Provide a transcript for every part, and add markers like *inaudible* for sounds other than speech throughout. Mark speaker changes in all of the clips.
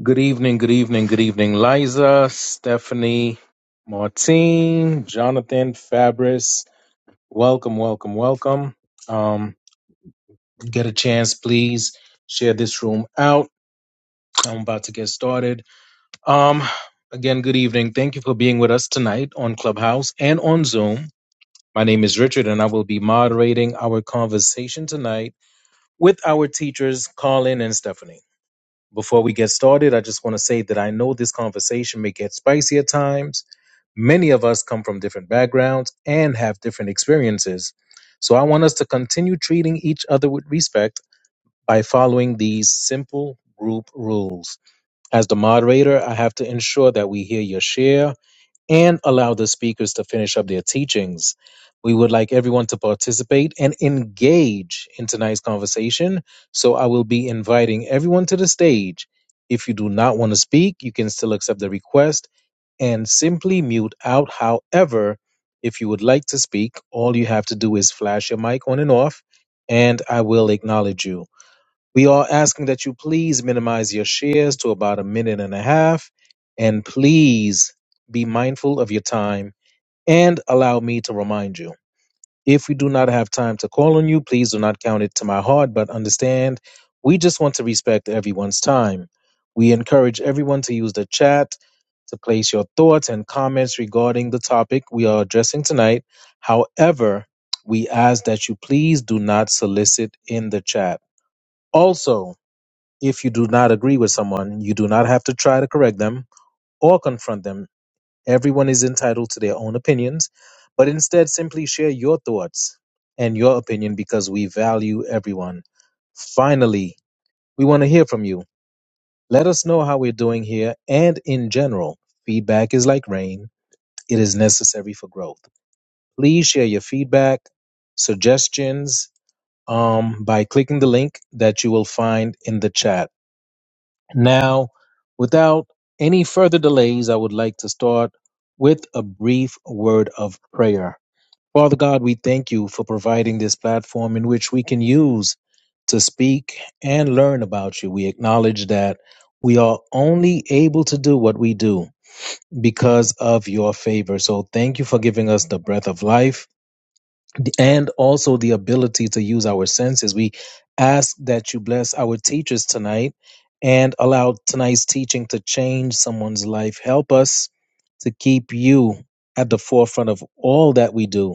Speaker 1: Good evening, good evening, good evening, Liza, Stephanie, Martine, Jonathan, Fabris. Welcome, welcome, welcome. Um, get a chance, please share this room out. I'm about to get started. Um, again, good evening. Thank you for being with us tonight on Clubhouse and on Zoom. My name is Richard, and I will be moderating our conversation tonight with our teachers, Colin and Stephanie. Before we get started, I just want to say that I know this conversation may get spicy at times. Many of us come from different backgrounds and have different experiences. So I want us to continue treating each other with respect by following these simple group rules. As the moderator, I have to ensure that we hear your share and allow the speakers to finish up their teachings. We would like everyone to participate and engage in tonight's conversation. So I will be inviting everyone to the stage. If you do not want to speak, you can still accept the request and simply mute out. However, if you would like to speak, all you have to do is flash your mic on and off, and I will acknowledge you. We are asking that you please minimize your shares to about a minute and a half, and please be mindful of your time and allow me to remind you. If we do not have time to call on you, please do not count it to my heart, but understand we just want to respect everyone's time. We encourage everyone to use the chat to place your thoughts and comments regarding the topic we are addressing tonight. However, we ask that you please do not solicit in the chat. Also, if you do not agree with someone, you do not have to try to correct them or confront them. Everyone is entitled to their own opinions, but instead simply share your thoughts and your opinion because we value everyone. Finally, we want to hear from you. Let us know how we're doing here and in general. Feedback is like rain, it is necessary for growth. Please share your feedback, suggestions, um, by clicking the link that you will find in the chat. Now, without any further delays, I would like to start with a brief word of prayer. Father God, we thank you for providing this platform in which we can use to speak and learn about you. We acknowledge that we are only able to do what we do because of your favor. So thank you for giving us the breath of life and also the ability to use our senses. We ask that you bless our teachers tonight and allow tonight's teaching to change someone's life. Help us to keep you at the forefront of all that we do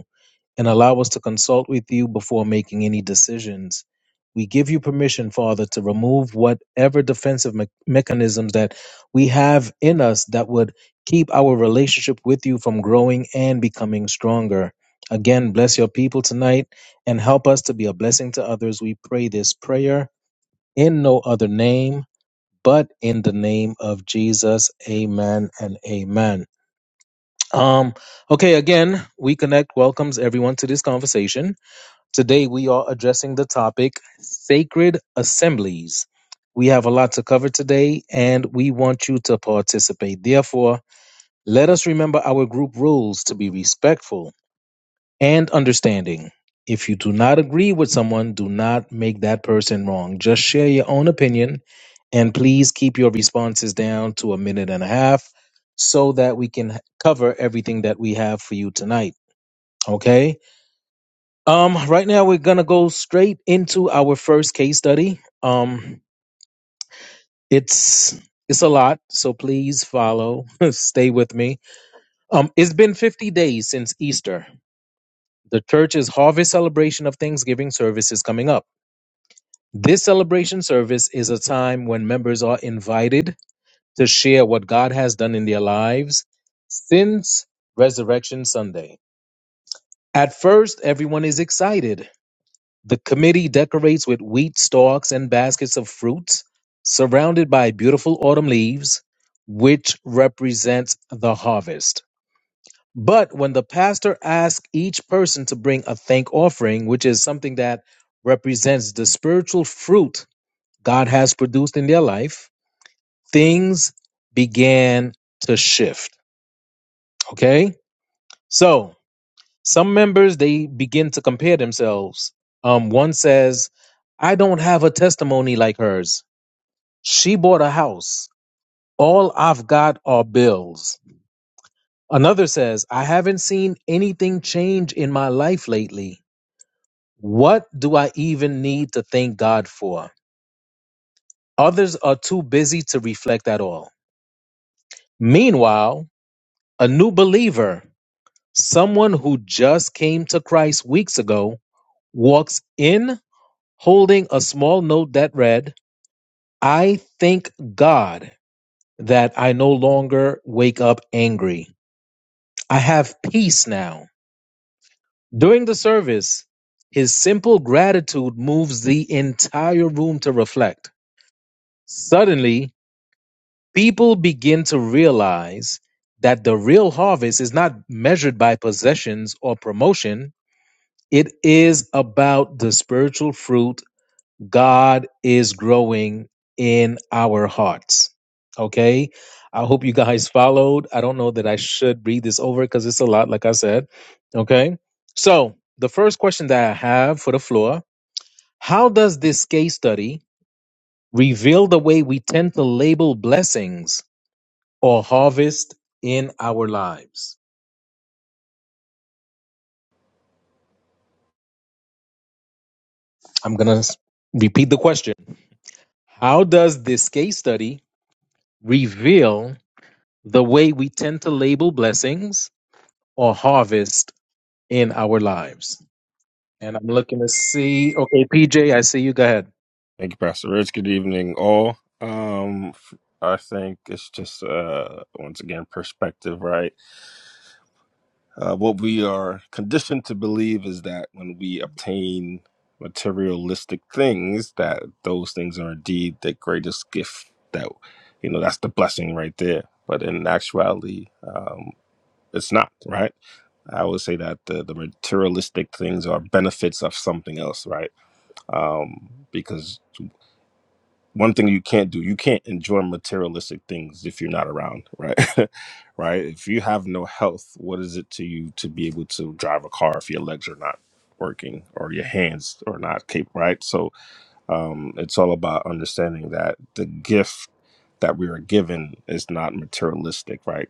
Speaker 1: and allow us to consult with you before making any decisions. We give you permission, Father, to remove whatever defensive me- mechanisms that we have in us that would keep our relationship with you from growing and becoming stronger. Again, bless your people tonight and help us to be a blessing to others. We pray this prayer in no other name but in the name of Jesus. Amen and amen. Um okay, again, we connect welcomes everyone to this conversation. Today we are addressing the topic sacred assemblies. We have a lot to cover today and we want you to participate. Therefore, let us remember our group rules to be respectful and understanding. If you do not agree with someone, do not make that person wrong. Just share your own opinion and please keep your responses down to a minute and a half so that we can cover everything that we have for you tonight. Okay? Um, right now we're gonna go straight into our first case study. Um, it's it's a lot, so please follow, *laughs* stay with me. Um, it's been 50 days since Easter. The church's harvest celebration of Thanksgiving service is coming up. This celebration service is a time when members are invited to share what God has done in their lives since Resurrection Sunday. At first, everyone is excited The committee decorates with wheat stalks and baskets of fruits, surrounded by beautiful autumn leaves, which represents the harvest. But when the pastor asks each person to bring a thank offering, which is something that represents the spiritual fruit God has produced in their life, things began to shift. Okay? So some members they begin to compare themselves um one says i don't have a testimony like hers she bought a house all i've got are bills another says i haven't seen anything change in my life lately what do i even need to thank god for others are too busy to reflect at all meanwhile a new believer someone who just came to christ weeks ago walks in holding a small note that read, I thank God that I no longer wake up angry. I have peace now. During the service, his simple gratitude moves the entire room to reflect. Suddenly, people begin to realize that the real harvest is not measured by possessions or promotion. It is about the spiritual fruit God is growing in our hearts. Okay. I hope you guys *laughs* followed. I don't know that I should read this over because it's a lot, like I said. Okay. So, the first question that I have for the floor How does this case study reveal the way we tend to label blessings or harvest in our lives? I'm going to repeat the question. How does this case study reveal the way we tend to label blessings or harvest in our lives. And I'm looking to see. Okay, PJ, I see you. Go ahead.
Speaker 2: Thank you, Pastor Rich. Good evening, all. Um, I think it's just uh, once again perspective, right? Uh, what we are conditioned to believe is that when we obtain materialistic things, that those things are indeed the greatest gift. That you know, that's the blessing right there. But in actuality, um, it's not, right? I would say that the, the materialistic things are benefits of something else, right? um, because one thing you can't do you can't enjoy materialistic things if you're not around right *laughs* right if you have no health what is it to you to be able to drive a car if your legs are not working or your hands are not capable right so um it's all about understanding that the gift that we are given is not materialistic right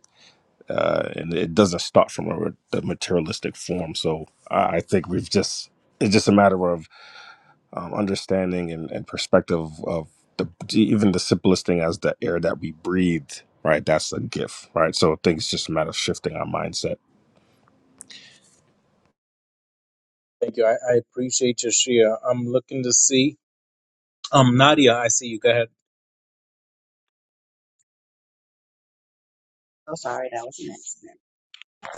Speaker 2: uh and it doesn't start from a, the materialistic form so i I think we've just it's just a matter of um, understanding and, and perspective of the even the simplest thing as the air that we breathe right that's a gift right so things just a matter of shifting our mindset
Speaker 1: Thank you. I, I appreciate your share. I'm looking to see. Um, Nadia, I see you. Go ahead.
Speaker 3: So sorry, that was an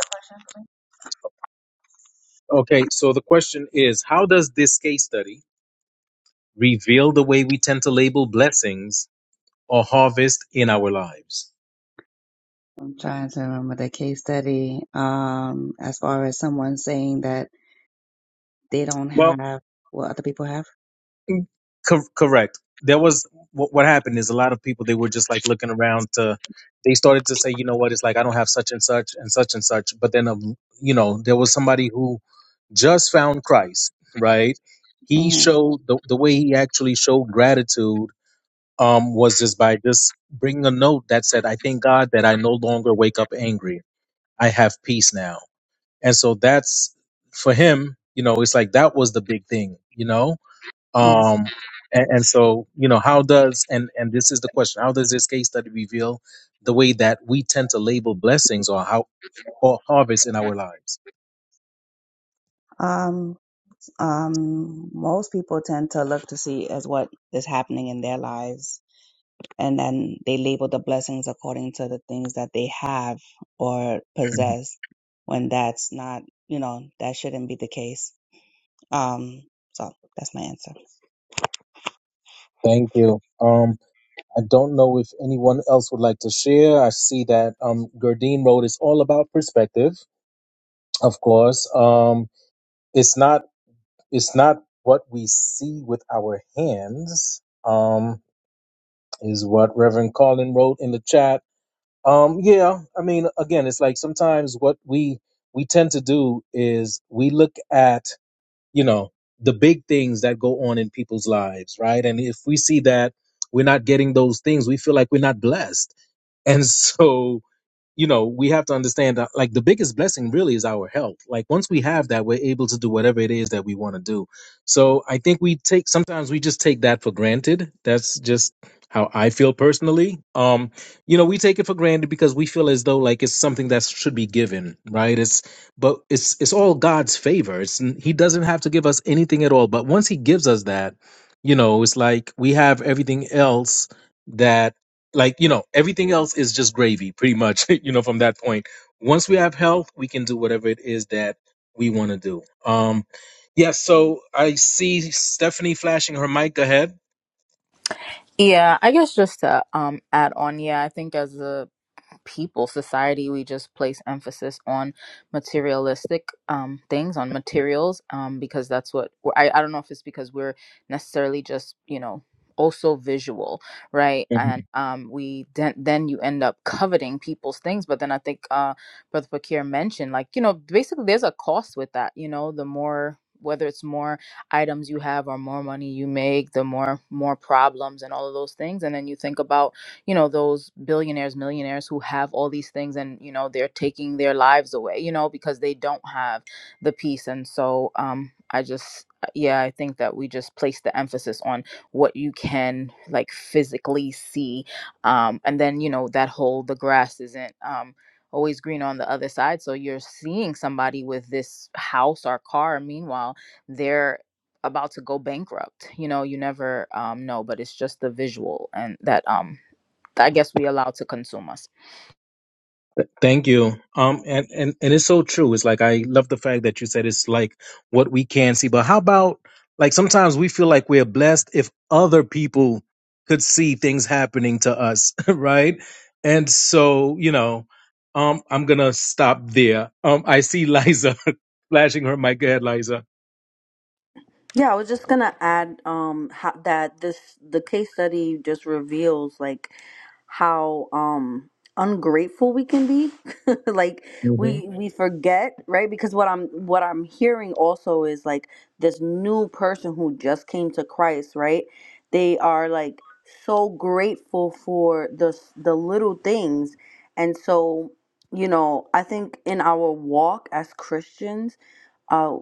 Speaker 3: accident.
Speaker 1: Okay, so the question is How does this case study reveal the way we tend to label blessings or harvest in our lives?
Speaker 3: I'm trying to remember the case study. Um, as far as someone saying that they don't have what other people have.
Speaker 1: Co- correct. There was what, what happened is a lot of people they were just like looking around to. They started to say, you know what, it's like I don't have such and such and such and such. But then, um, you know, there was somebody who just found Christ, right? He
Speaker 3: hmm
Speaker 1: showed the the way he actually showed gratitude um, was just by just bringing a note that said, "I thank God that I no longer wake up angry. I have peace now." And so that's for him. You know, it's like that was the big thing. You know,
Speaker 3: Yeah.
Speaker 1: um and, and so you know how does and and this is the question how does this case study reveal the way that we tend to label blessings or how or harvest in our lives *clears throat*
Speaker 3: Um. Um. Most people tend to look to see as what is happening in their lives, and then they label the blessings according to the things that they have or
Speaker 1: Mhm.
Speaker 3: possess. When that's not, you know, that shouldn't be the case. Um, so that's my answer.
Speaker 1: thank you um i don't know if anyone else would like to share i see that um gurdine wrote is all about perspective of course um it's not it's not what we see with our hands um is what reverend Carlin wrote in the chat Um, yeah, I mean, again, it's like sometimes what we we tend to do is we look at you know the big things that go on in people's lives, right? And if we see that we're not getting those things, we feel like we're not blessed, *laughs* and so you know, we have to understand that like the biggest blessing really is our health. Like once we have that, we're able to do whatever it is that we want to do. So I think we take sometimes we just take that for granted. That's just how I feel personally. Um, you know, we take it for granted because we feel as though like it's something that should be given, right? It's but it's it's all God's favor. It's he doesn't have to give us anything at all. But once he gives us that, you know, it's like we have everything else that like you know everything else is just gravy pretty much *laughs* you know from that point once we have health we can do whatever it is that we want to do um yeah so i see stephanie flashing her mic Go ahead
Speaker 4: Yeah, I guess just to um add on, yeah, I think as a people society we just place emphasis on materialistic um, things on materials um, because that's what we're, I, I don't know if it's because we're necessarily just you know also visual right and um, we then then you end up coveting people's things but then i think uh, brother fakir mentioned like you know basically there's a cost with that you know the more whether it's more items you have or more money you make the more more problems and all of those things and then you think about you know those billionaires millionaires who have all these things and you know they're taking their lives away you know because they don't have the peace and so um i just yeah i think that we just place the emphasis on what you can like physically see um and then you know that whole the grass isn't um always green on the other side so you're seeing somebody with this house or car meanwhile they're about to go bankrupt you know you never um know but it's just the visual and that um I guess we allow to consume us.
Speaker 1: Thank you. Um, and, and, and it's so true. It's like, I love the fact that you said it's like what we can see, but how about like sometimes we feel like we're blessed if other people could see things happening to us, *laughs* right? And so, you know, um, I'm gonna stop there. Um, I see Liza *laughs* flashing her mic. Go ahead, Liza.
Speaker 5: Yeah, I was just gonna add um how, that this the case study just reveals like how um ungrateful we can be. *laughs* like
Speaker 1: hmm
Speaker 5: we we forget, right? Because what I'm what I'm hearing also is like this new person who just came to Christ, right? They are like so grateful for the s- the little things. And so, you know, I think in our walk as Christians, uh,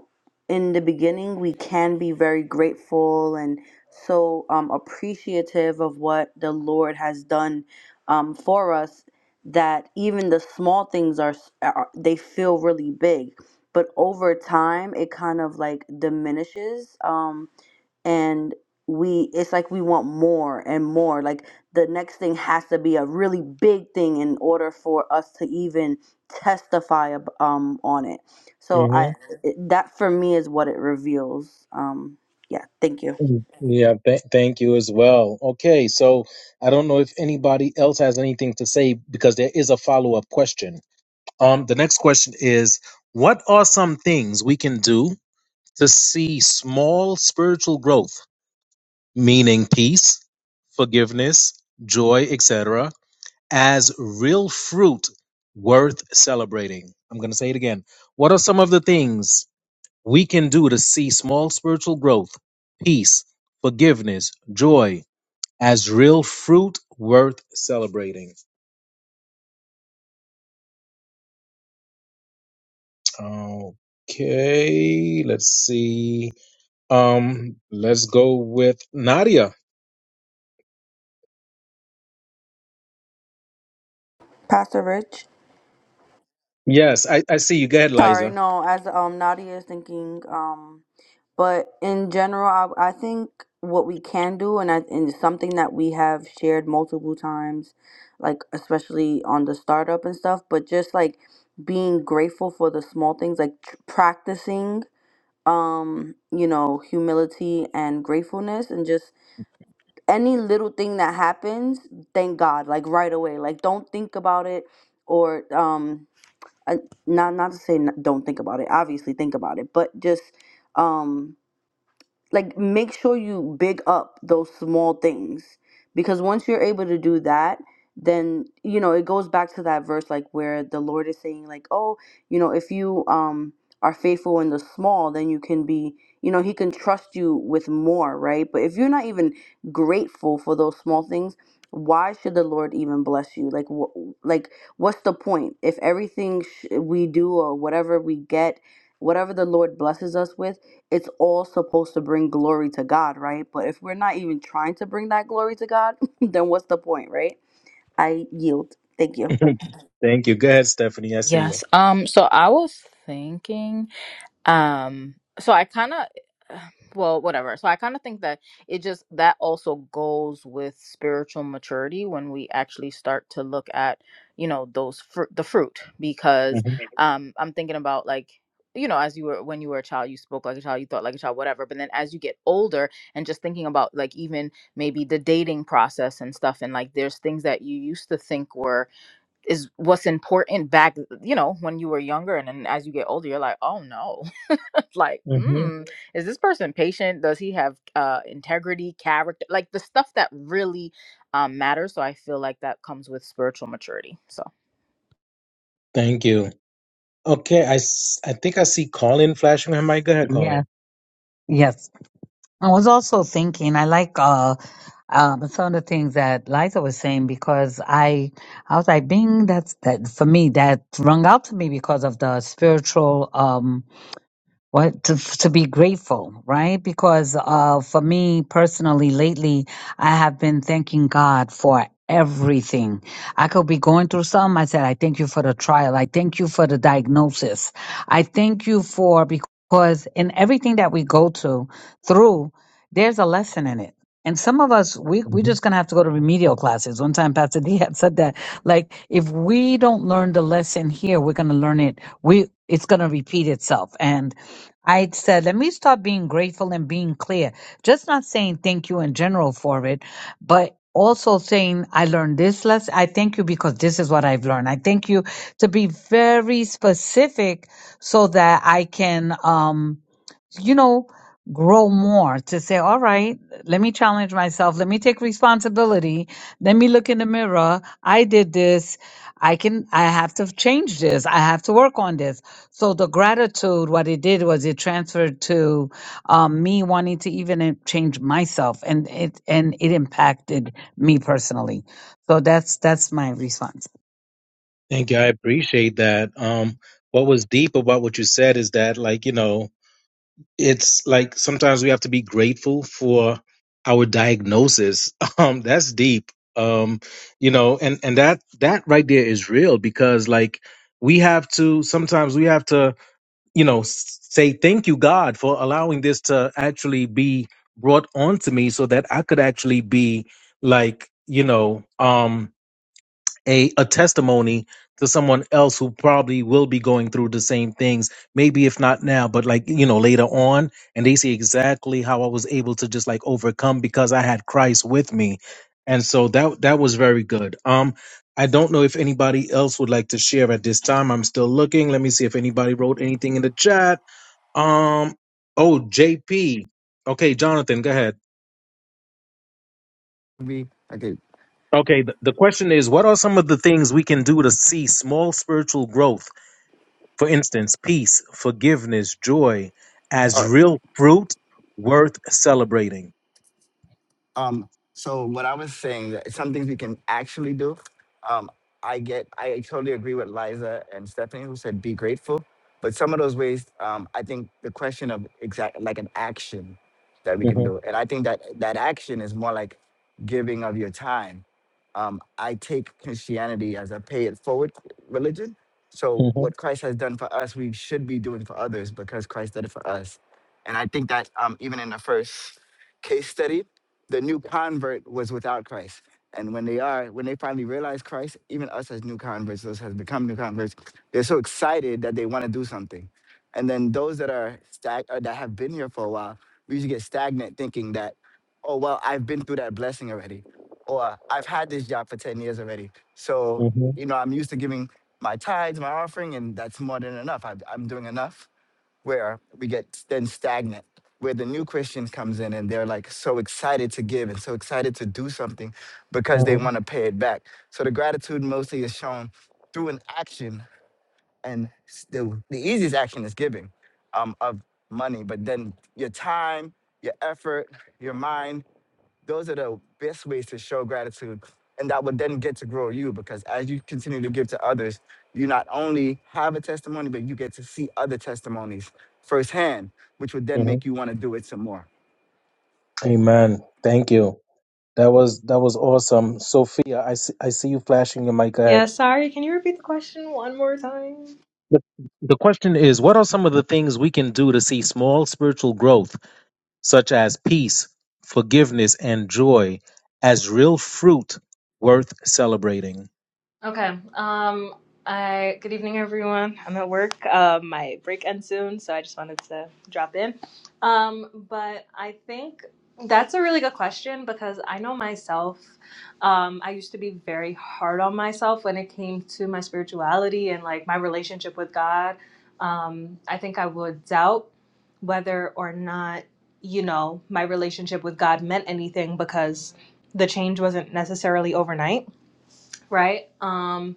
Speaker 5: in the beginning, we can be very grateful and so um, appreciative of what the Lord has done um, for us that even the small things are, s- are they feel really big. But over time, it kind of like diminishes. Um, and we it's like we want more and more like the next thing has to be a really big thing in order for us to even testify ab- um on it so
Speaker 1: hmm
Speaker 5: i Mhm. it, that for me is what it reveals um yeah thank you
Speaker 1: Mm, Yeah, th- thank you as well. Okay, so I don't know if anybody else has anything to say because there is a follow up question. Um, the next question is What are some things we can do to see small spiritual growth, meaning peace, forgiveness, joy, etc., as real fruit worth celebrating? I'm going to say it again. What are some of the things we can do to see small spiritual growth, peace, forgiveness, joy as real fruit worth celebrating. Okay, let's see. Um, let's go with Nadia.
Speaker 5: pastor rich
Speaker 1: Yes, I, I see you. Go ahead,
Speaker 5: Sorry,
Speaker 1: Liza.
Speaker 5: no, as um Nadia is thinking, um, but in general, I, I think what we can do, and I, and it's something that we have shared multiple times, like especially on the startup and stuff, but just like being grateful for the small things, like tr- practicing, um, you know, humility and gratefulness, and just any little thing that happens, thank God, like right away, like don't think about it or um I, not not to say n- don't think about it. Obviously, think about it, but just um like make sure you big up those small things because once you're able to do that then you know it goes back to that verse like where the lord is saying like oh you know if you um are faithful in the small then you can be you know he can trust you with more right but if you're not even grateful for those small things why should the lord even bless you like what like what's the point if everything sh- we do or whatever we get whatever the lord blesses us with it's all supposed to bring glory to God, right? But if we're not even trying to bring that glory to God, *laughs* then what's the point, right? I yield. Thank you.
Speaker 1: *laughs* Thank you. Go ahead, Stephanie. I see you.
Speaker 4: Yes. Um. So I was thinking. Um. So I kind of. *sighs* Well, whatever. So I kind of think that it just that also goes with spiritual maturity when we actually start to look at you know those fruit the fruit because
Speaker 1: hmm
Speaker 4: um I'm thinking about like you know as you were when you were a child you spoke like a child you thought like a child whatever but then as you get older and just thinking about like even maybe the dating process and stuff and like there's things that you used to think were is what's important back you know when you were younger and then as you get older you're like oh no *laughs* like mm, is this person patient does he have uh integrity character like the stuff that really um matters so i feel like that comes with spiritual maturity so
Speaker 1: Thank you. Okay, I, s- I think I see Colin flashing her mic. Go ahead,
Speaker 6: Yes,
Speaker 1: Colin.
Speaker 6: yes. I was also thinking, I like uh, um, some of the things that Liza was saying because I, I was like, Bing, that's that for me. That rung out to me because of the spiritual. Um, what to to be grateful right because uh for me personally lately i have been thanking god for everything i could be going through something i said i thank you for the trial i thank you for the diagnosis i thank you for because in everything that we go to through there's a lesson in it. And some of us, we we're just gonna have to go to remedial classes. One time, Pastor D *laughs* had said that, like, if we don't learn the lesson here, we're gonna learn it. We it's gonna repeat itself. And I said, let me start being grateful and being clear, just not saying thank you in general for it, but also saying I learned this lesson. I thank you because this is what I've learned. I thank you to be very specific so that I can. um you know, grow more to say, all right, let me challenge myself. Let me take responsibility. Let me look in the mirror. I did this. I can, I have to change this. I have to work on this. So the gratitude, what it did was it transferred to um, me wanting to even in- change myself and it, and it impacted me personally. So that's, that's my response.
Speaker 1: Thank you. I appreciate that. Um,
Speaker 6: Mm.
Speaker 1: what was deep about what you said is that, like, you know, it's like sometimes we have to be grateful for our diagnosis. *laughs* Um, that's deep. Um, you know, and and that that right there is real because, like, we have to sometimes we have to, you know, s- say thank you God for allowing this to actually be brought onto me so that I could actually be like, you know, um, a, a testimony to someone else who probably will be going through the same things, maybe if not now, but like, you know, later on. And they see exactly how I was able to just like overcome because I had Christ with me. And so that that was very good. Um I don't know if anybody else would like to share at this time. I'm still looking. Let me see if anybody wrote anything in the chat. Um oh JP. Okay, Jonathan, go ahead.
Speaker 7: be. I could.
Speaker 1: Okay, the, the question is what are some of the things we can do to see small spiritual growth? For instance, peace, forgiveness, joy as
Speaker 7: Uh,
Speaker 1: real fruit worth celebrating.
Speaker 7: Um, so what I was saying, that some things we can actually do. Um, I get, I totally agree with Liza and Stephanie who said be grateful. But some of those ways, um, I think the question of exact like an action that we
Speaker 1: hmm
Speaker 7: can do, and I think that that action is more like giving of your time. Um, I take Christianity as a pay it forward religion. So
Speaker 1: hmm
Speaker 7: what Christ has done for us, we should be doing for others because Christ did it for us. And I think that um, even in the first case study, the new convert was without Christ. And when they are, when they finally realize Christ, even us as new converts, those has become new converts, they're so excited that they want to do something. And then those that are stag or that have been here for a while, we usually get stagnant thinking that, oh well, I've been through that blessing already, or I've had this job for ten years already. So
Speaker 1: hmm
Speaker 7: you know, I'm used to giving my tithes, my offering, and that's more than enough. I, I'm doing enough where we get then stagnant, where the new Christian comes in and they're like so excited to give and so excited to do something because they
Speaker 1: hmm
Speaker 7: want to pay it back. So the gratitude mostly is shown through an action, and s- the, the easiest action is giving um, of money, but then your time, your effort, your mind. Those are the best ways to show gratitude. And that would then get to grow you because as you continue to give to others, you not only have a testimony, but you get to see other testimonies firsthand, which would then
Speaker 1: hmm
Speaker 7: make you want to do it some more.
Speaker 1: Amen. Thank you. That was that was awesome, Sophia. I see, I see you flashing your mic
Speaker 8: Yeah,
Speaker 1: ahead.
Speaker 8: sorry, can you repeat the question one more time?
Speaker 1: The the question is, what are some of the things we can do to see small spiritual growth? such as peace, forgiveness, and joy as real fruit worth celebrating.
Speaker 8: Okay. Um. I good evening, everyone. I'm at work. Um. My break ends soon, so I just wanted to drop in. Um. But I think that's a really good question because I know myself. Um. I used to be very hard on myself when it came to my spirituality and like my relationship with God. Um. I think I would doubt whether or not you know my relationship with God meant anything because the change wasn't necessarily overnight, right? Um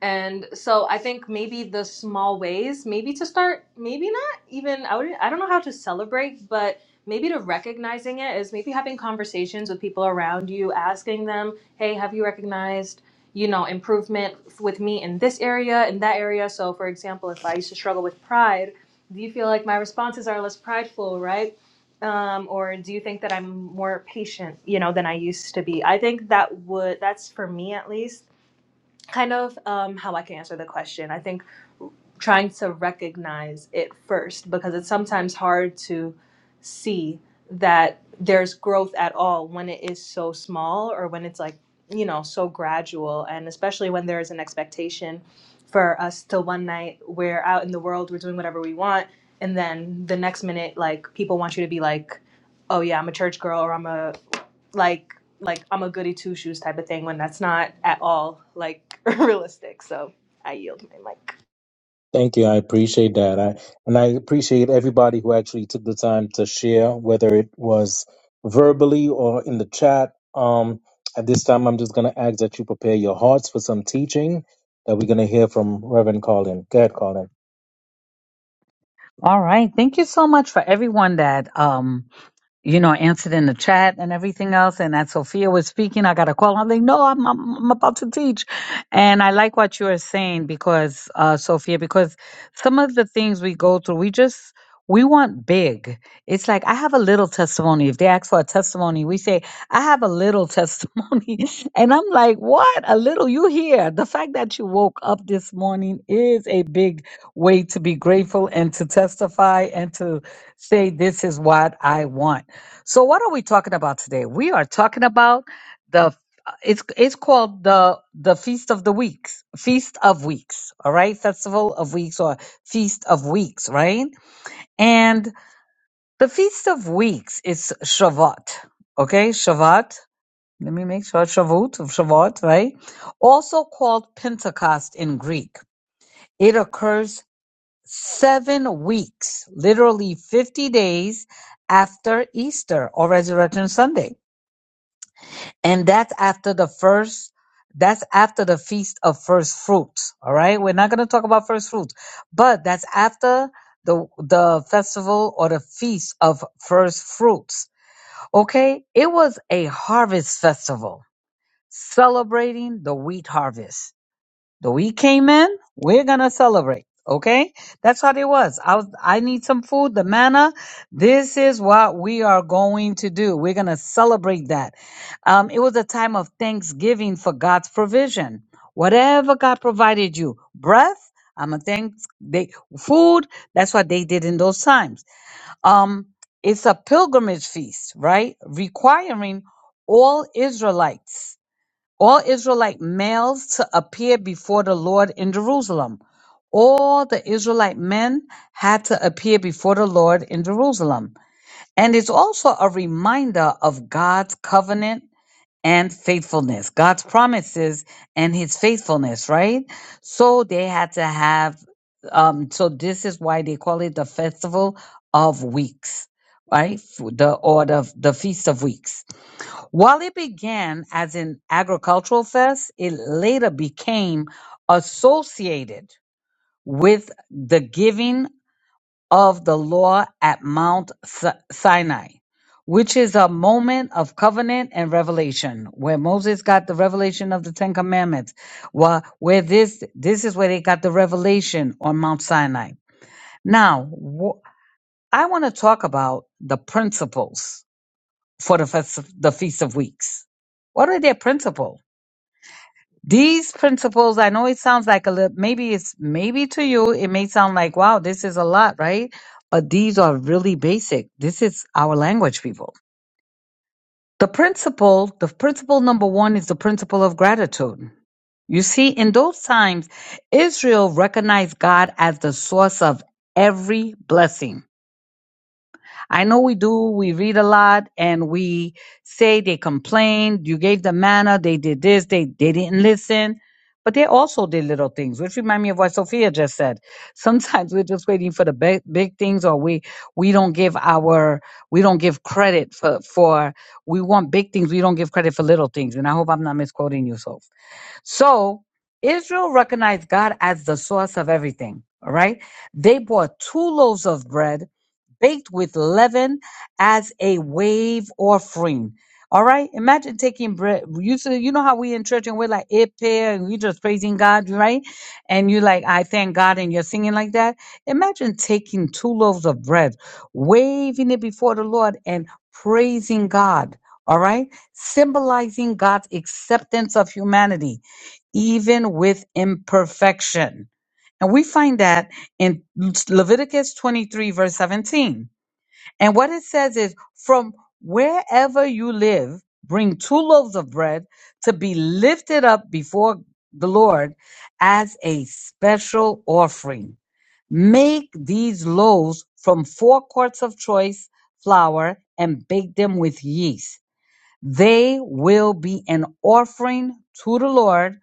Speaker 8: and so I think maybe the small ways, maybe to start, maybe not even, I, would, I don't know how to celebrate, but maybe to recognizing it is maybe having conversations with people around you, asking them, hey, have you recognized, you know, improvement with me in this area, in that area? So, for example, if I used to struggle with pride, do you feel like my responses are less prideful, right? Um, or do you think that I'm more patient, you know, than I used to be? I think that would, that's for me at least kind of um, how I can answer the question. I think trying to recognize it first because it's sometimes hard to see that there's growth at all when it is so small or when it's like, you know, so gradual. And especially when there is an expectation for us to one night we're out in the world, we're doing whatever we want. And then the next minute, like, people want you to be like, oh, yeah, I'm a church girl or I'm a, like like I'm a goody two shoes type of thing when that's not at all like *laughs* realistic. So I yield my mic.
Speaker 1: Thank you. I appreciate that. I and I appreciate everybody who actually took the time to share, whether it was verbally or in the chat. Um, at this time, I'm just going to ask that you prepare your hearts for some teaching that we're going to hear from Reverend Colin. Go ahead, Colin.
Speaker 6: All right. Thank you so much for everyone that um, you know, answered in the chat and everything else. And as Sophia was speaking, I got a call. I'm like, no, I'm, I'm, I'm about to teach. And I like what you are saying because, uh, Sophia, because some of the things we go through, we just, we want big. It's like, I have a little testimony. If they ask for a testimony, we say, I have a little testimony. *laughs* And I'm like, what? A little? You here. The fact that you woke up this morning is a big way to be grateful and to testify and to say, this is what I want. So, what are we talking about today? We are talking about the it's it's called the the feast of the weeks feast of weeks all right festival of weeks or feast of weeks right and the Feast of Weeks is Shavuot. Okay, Shavuot. Let me make sure Shavuot, Shavuot, right? Also called Pentecost in Greek. It occurs seven weeks, literally 50 days after Easter or Resurrection Sunday. And that's after the first, that's after the Feast of First Fruits. All right. We're not going to talk about first fruits, but that's after the, the festival or the feast of first fruits Okay? It was a harvest festival celebrating the wheat harvest. The wheat came in, we're going to celebrate. Okay? That's what it was. I was I need some food, the manna. This is what we are going to do. We're going to celebrate that. Um, it was a time of thanksgiving for God's provision. Whatever God provided you, breath, I'm a thanks they food, that's what they did in those times um, it's a pilgrimage feast, right? Requiring all Israelites, all Israelite males to appear before the Lord in Jerusalem. All the Israelite men had to appear before the Lord in Jerusalem. And it's also a reminder of God's covenant and faithfulness. God's promises and his faithfulness, right? So they had to have um so this is why they call it the festival of weeks, right? F- The or the, the feast of weeks. While it began as an agricultural fest, it later became associated with the giving of the law at Mount Si- Sinai, which is a moment of covenant and revelation, where Moses got the revelation of the Ten Commandments. Where, where this this is where they got the revelation on Mount Sinai. Now, wh- I want to talk about the principles for the fest, the Feast of Weeks. What are their principles? These principles, I know it sounds like a little, maybe it's, maybe to you, it may sound like, wow, this is a lot, right? But these are really basic. This is our language, people. The principle, the principle number one is the principle of gratitude. You see, in those times, Israel recognized God as the source of every blessing. I know we do. We read a lot and we say they complained. You gave them manna. They did this. They, they didn't listen. But they also did little things, which remind me of what Sophia just said. *laughs* Sometimes we're just waiting for the big, big things or we, we don't give our, we don't give credit for, for, we want big things. We don't give credit for little things. And I hope I'm not misquoting you, Soph. So Israel recognized God as the source of everything. All right. They bought two loaves of bread baked with leaven as a wave offering. All right. Imagine taking bread. You see, you know how we in church and we're like it pair and we just praising God, right? And you are like, I thank God, and you're singing like that. Imagine taking two loaves of bread, waving it before the Lord and praising God. All right. Symbolizing God's acceptance of humanity even with imperfection. And we find that in Leviticus 23, verse 17. And what it says is, from wherever you live, bring two loaves of bread to be lifted up before the Lord as a special offering. Make these loaves from four quarts of choice flour and bake them with yeast. They will be an offering to the Lord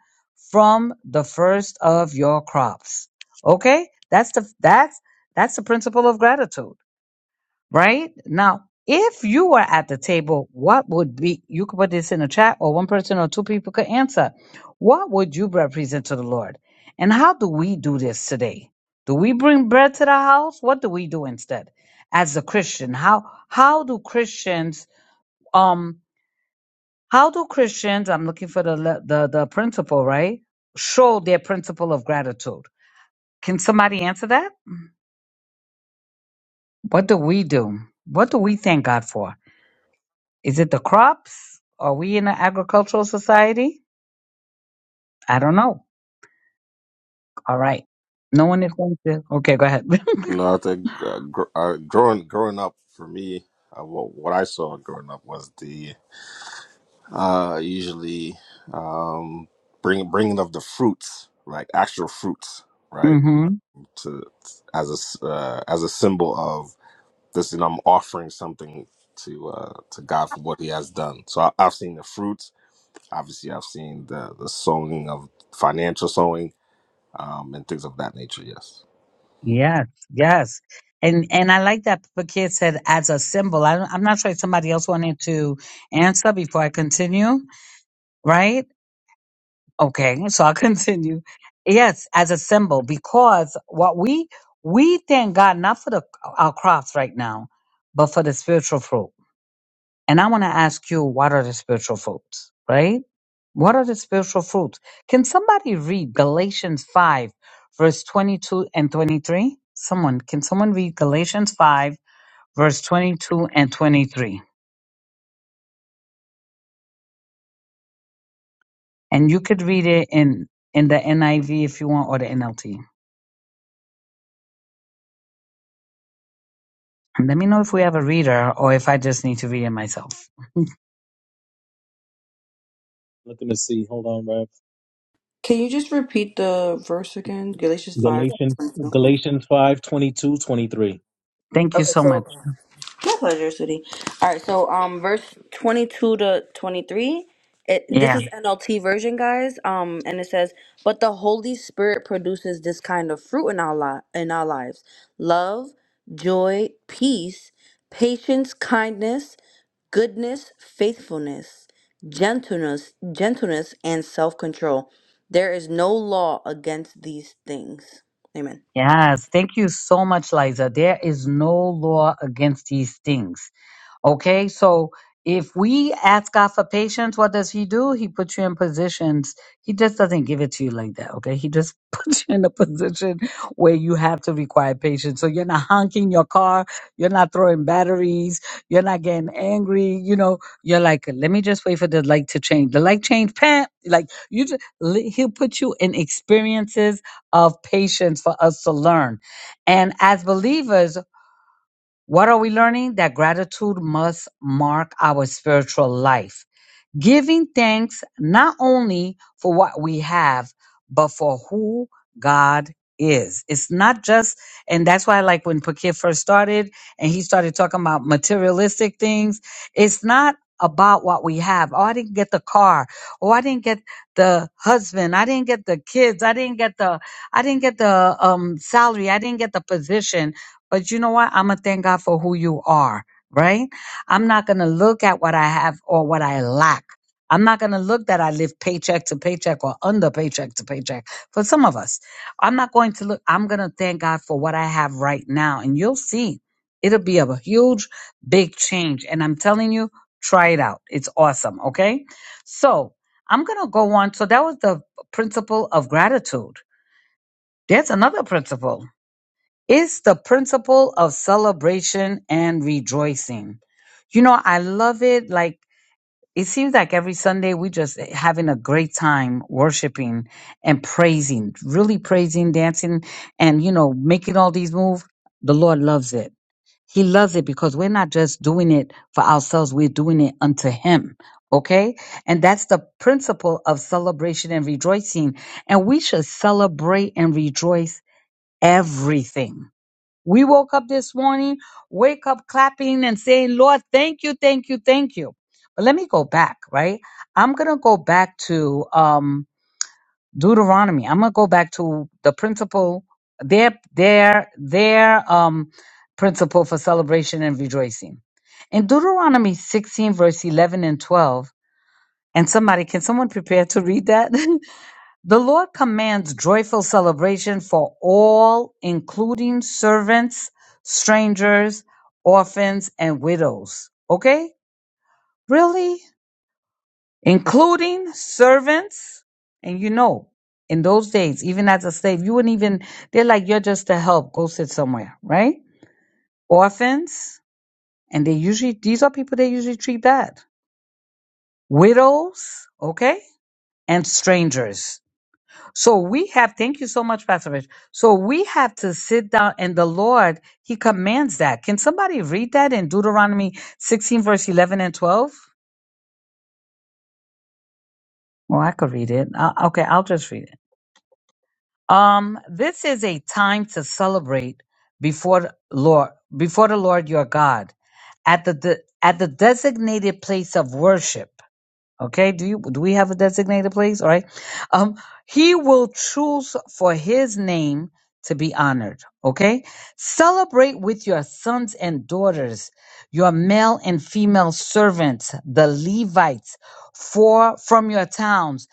Speaker 6: from the first of your crops. Okay? That's the that's that's the principle of gratitude, right? Now, if you were at the table, what would be you could put this in the chat or one person or two people could answer. What would you represent to the Lord? And how do we do this today? Do we bring bread to the house? What do we do instead? As a Christian, how how do Christians um? How do Christians, I'm looking for the, le- the, the principle, right? Show their principle of gratitude. Can somebody answer that? What do we do? What do we thank God for? Is it the crops? Are we in an agricultural society? I don't know. All right. No one is going to. Okay, go ahead.
Speaker 2: no i think uh, gr- uh, growing growing up for me uh, what, what i saw growing up was the uh usually um bring bringing of the fruits like actual fruits
Speaker 6: *laughs*
Speaker 2: right
Speaker 6: hmm
Speaker 2: to as a s- uh, as a symbol of. This and I'm offering something to uh, to God for what He has done. So I, I've seen the fruits. Obviously, I've seen the the sowing of financial sowing um, and things of that nature. Yes.
Speaker 6: Yes, yes. And and I like that the kid said as a symbol. I, don't- I'm not sure if somebody else wanted to answer before I continue, right? Okay, *laughs* so I'll continue. Yes, as a symbol, because what we we thank God not for the our crops right now, but for the spiritual fruit. And I want to ask you, what are the spiritual fruits? Right? What are the spiritual fruits? Can somebody read Galatians five, verse twenty-two and twenty-three? Someone, can someone read Galatians five, verse twenty-two and twenty-three? And you could read it in in the NIV if you want or the NLT. Let me know if we have a reader or if I just need to read it myself.
Speaker 1: Looking to see. Hold on, Rev.
Speaker 5: Can you just repeat the verse again? Galatians 5.
Speaker 1: Galatians
Speaker 5: twenty-two.
Speaker 1: Galatians 5, twenty-two 23.
Speaker 6: Thank you
Speaker 5: Okay,
Speaker 6: so
Speaker 5: so
Speaker 6: much.
Speaker 5: My pleasure, sweetie. All right, so um, verse twenty-two to twenty-three. It, this
Speaker 6: Yeah.
Speaker 5: is NLT version, guys. Um, and it says, "But the Holy Spirit produces this kind of fruit in our li- in our lives: love, joy, peace, patience, kindness, goodness, faithfulness, gentleness, gentleness, and self-control. There is no law against these things." Amen.
Speaker 6: Yes. Thank you so much, Liza. There is no law against these things. Okay, so if we ask God for patience, what does He do? He puts you in positions. He just doesn't give it to you like that. Okay, He just *laughs* puts you in a position where you have to require patience. So you're not honking your car. You're not throwing batteries. You're not getting angry. You know, you're like, let me just wait for the light to change. The light change, pam. Like you just, He'll put you in experiences of patience for us to learn. And as believers. What are we learning? That gratitude must mark our spiritual life giving thanks not only for what we have, but for who God is. It's not just, and that's why, like when Pakir first started and he started talking about materialistic things, it's not about what we have. Oh, I didn't get the car. Oh, I didn't get the husband. I didn't get the kids. I didn't get the, I didn't get the um, salary. I didn't get the position. But you know what? I'm going to thank God for who you are, right? I'm not going to look at what I have or what I lack. I'm not going to look that I live paycheck to paycheck or under paycheck to paycheck for some of us. I'm not going to look, I'm going to thank God for what I have right now. And you'll see it'll be a huge, big change. And I'm telling you, try it out. It's awesome. Okay. So I'm going to go on. So that was the principle of gratitude. There's another principle. It's the principle of celebration and rejoicing. You know, I love it. Like, it seems like every Sunday we just having a great time worshiping and praising, really praising, dancing, and you know, making all these moves. The Lord loves it. He loves it because we're not just doing it for ourselves, we're doing it unto Him. Okay? And that's the principle of celebration and rejoicing. And we should celebrate and rejoice everything we woke up this morning, wake up clapping and saying, Lord, thank you, thank you, thank you. But let me go back, right? I'm going to go back to um, Deuteronomy. I'm going to go back to the principle, their, their, their um, principle for celebration and rejoicing. In Deuteronomy 16, verse 11 and 12, and somebody, can someone prepare to read that? *laughs* The Lord commands joyful celebration for all, including servants, strangers, orphans, and widows. Okay? Really? Including servants? And you know, in those days, even as a slave, you wouldn't even, they're like, you're just a help, go sit somewhere, right? Orphans, and they usually, these are people they usually treat bad. Widows, okay? And strangers. So we have, thank you so much, Pastor Rich. So we have to sit down and the Lord, He commands that. Can somebody read that in Deuteronomy 16, verse 11 and 12? Well, I could read it. Uh, okay, I'll just read it. Um, this is a time to celebrate before the Lord, before the Lord your God at the, the at the designated place of worship Okay, do you do we have a designated place? All right. Um, he will choose for his name to be honored. Okay? Celebrate with your sons and daughters, your male and female servants, the Levites, for from your towns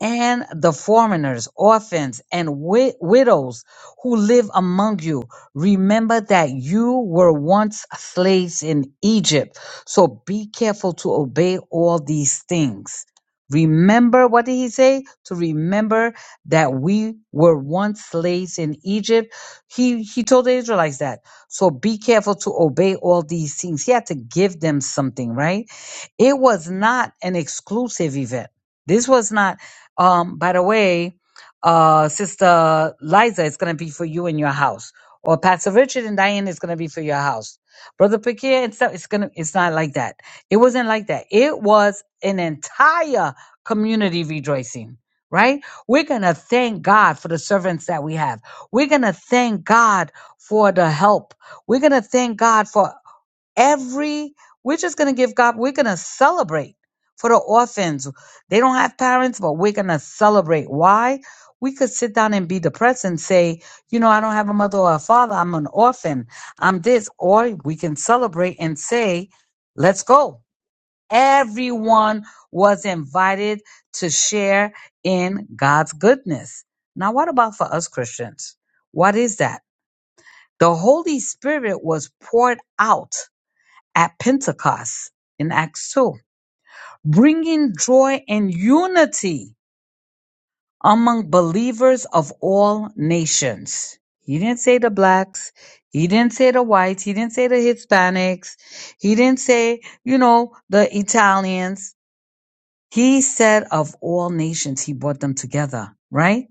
Speaker 6: and the foreigners, orphans, and wi- widows who live among you. Remember that you were once slaves in Egypt. So be careful to obey all these things. Remember, what did he say? To remember that we were once slaves in Egypt. He, he told the Israelites that. So be careful to obey all these things. He had to give them something, right? It was not an exclusive event. This was not um, by the way, uh, Sister Liza, it's going to be for you and your house. Or Pastor Richard and Diane is going to be for your house. Brother Pakir and stuff, it's going to, it's not like that. It wasn't like that. It was an entire community rejoicing, right? We're going to thank God for the servants that we have. We're going to thank God for the help. We're going to thank God for every we're just going to give god we're going to celebrate for the orphans they don't have parents but we're going to celebrate why we could sit down and be depressed and say you know i don't have a mother or a father i'm an orphan i'm this or we can celebrate and say let's go everyone was invited to share in god's goodness now what about for us christians what is that the holy spirit was poured out at Pentecost in Acts 2, bringing joy and unity among believers of all nations. He didn't say the blacks. He didn't say the whites. He didn't say the Hispanics. He didn't say, you know, the Italians. He said of all nations, he brought them together, right?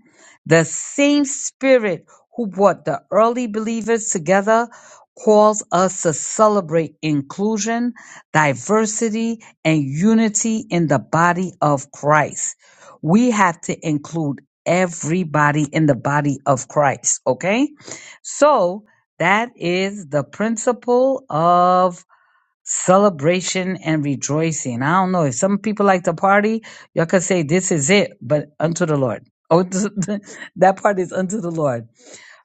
Speaker 6: The same spirit who brought the early believers together calls us to celebrate inclusion, diversity, and unity in the body of Christ. We have to include everybody in the body of Christ, okay? So that is the principle of celebration and rejoicing. I don't know if some people like to party, y'all could say this is it, but unto the Lord. Oh, *laughs* that part is unto the Lord.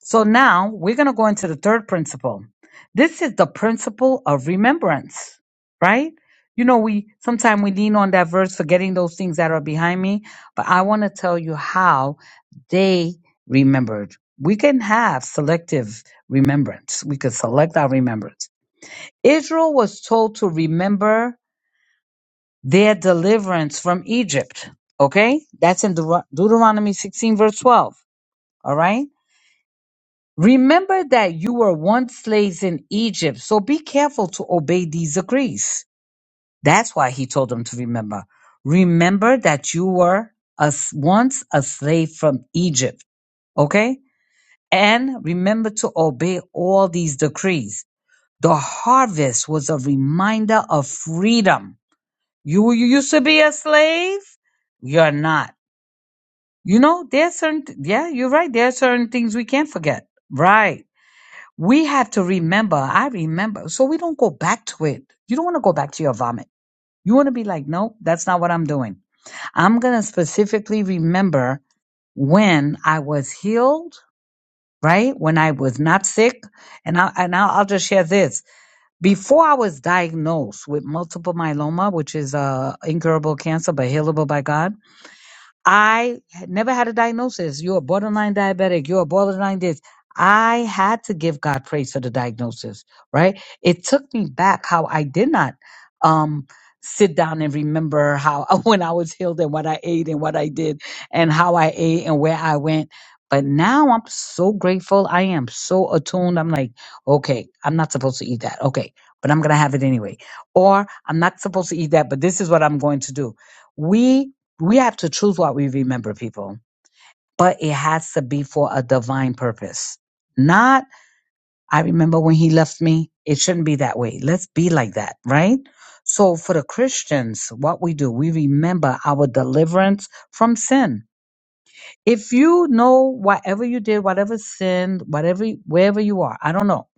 Speaker 6: So now we're going to go into the third principle. This is the principle of remembrance, right? You know, we sometimes we lean on that verse, forgetting those things that are behind me, but I want to tell you how they remembered. We can have selective remembrance. We could select our remembrance. Israel was told to remember their deliverance from Egypt. Okay? That's in Deut- Deuteronomy 16, verse 12. All right? Remember that you were once slaves in Egypt, so be careful to obey these decrees. That's why he told them to remember. Remember that you were as once a slave from Egypt. Okay? And remember to obey all these decrees. The harvest was a reminder of freedom You you used to be a slave. You're not. You know, there are certain. Yeah, you're right. There are certain things we can't forget. Right. We have to remember. I remember. So we don't go back to it. You don't want to go back to your vomit. You want to be like, nope, that's not what I'm doing. I'm gonna specifically remember when I was healed. Right when I was not sick, and I and I'll, I'll just share this. Before I was diagnosed with multiple myeloma, which is uh, incurable cancer but healable by God, I had never had a diagnosis. You're a borderline diabetic. You're a borderline this. I had to give God praise for the diagnosis, right? It took me back how I did not um, sit down and remember how *laughs* when I was healed and what I ate and what I did and how I ate and where I went. But now I'm so grateful. I am so attuned. I'm like, okay, I'm not supposed to eat that. Okay, but I'm going to have it anyway. Or I'm not supposed to eat that, but this is what I'm going to do. We we have to choose what we remember, people, but it has to be for a divine purpose. Not, I remember when he left me. It shouldn't be that way. Let's be like that, right? So for the Christians, what we do, we remember our deliverance from sin. If you know whatever you did, whatever sin, whatever, wherever you are, I don't know.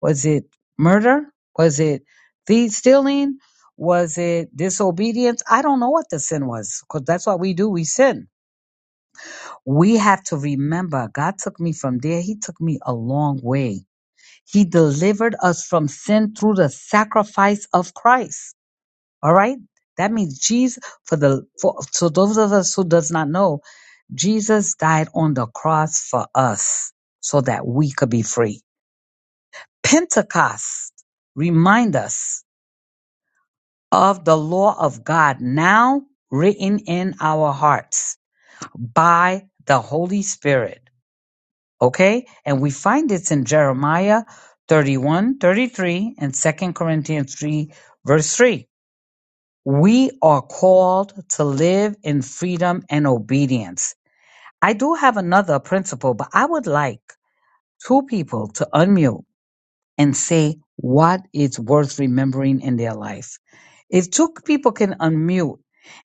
Speaker 6: Was it murder? Was it thief stealing? Was it disobedience? I don't know what the sin was because that's what we do. We sin we have to remember God took me from there. He took me a long way. He delivered us from sin through the sacrifice of Christ. All right. That means Jesus for the for so those of us who does not know, Jesus died on the cross for us so that we could be free. Pentecost remind us of the law of God now written in our hearts by the Holy Spirit. Okay? And we find it's in Jeremiah 31, 33, and Second Corinthians 3, verse 3. We are called to live in freedom and obedience. I do have another principle, but I would like two people to unmute and say what is worth remembering in their life. If two people can unmute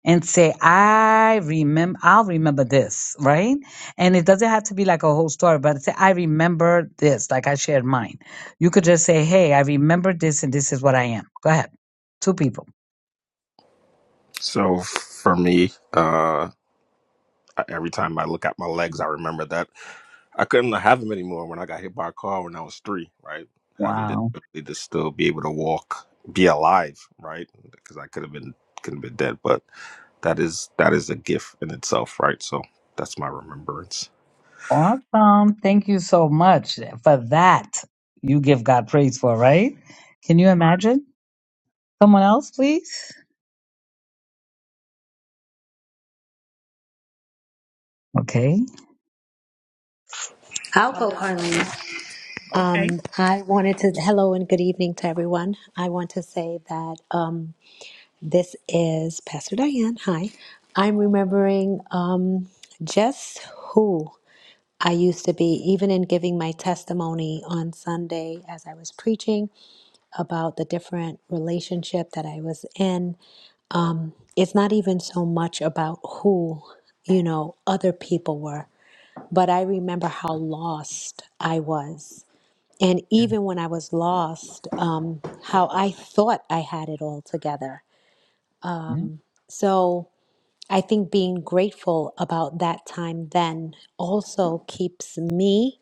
Speaker 6: and say, I remember, I'll remember this, right? And it doesn't have to be like a whole story, but say, I remember this, like I shared mine. You could just say, Hey, I remember this and this is what I am. Go ahead. Two people.
Speaker 2: So for me, uh, every time I look at my legs, I remember that I couldn't have them anymore when I got hit by a car when I was three. Right, having the
Speaker 6: Wow.
Speaker 2: ability to still be able to walk, be alive. Right, because I could have been could have been dead, but that is that is a gift in itself. Right, so that's my remembrance.
Speaker 6: Awesome. Thank you so much for that. You give God praise for, right? Can you imagine? Someone else, please. Okay.
Speaker 9: I'll go, Carlene.
Speaker 6: Okay.
Speaker 9: Um, I wanted to, hello and good evening to everyone. I want to say that um, this is Pastor Diane. Hi. I'm remembering um, just who I used to be, even in giving my testimony on Sunday as I was preaching about the different relationship that I was in. It's not even so much about who, you know, other people were, but I remember how lost I was And even when I was lost, um, how I thought I had it all together.
Speaker 6: Yeah.
Speaker 9: So I think being grateful about that time then also keeps me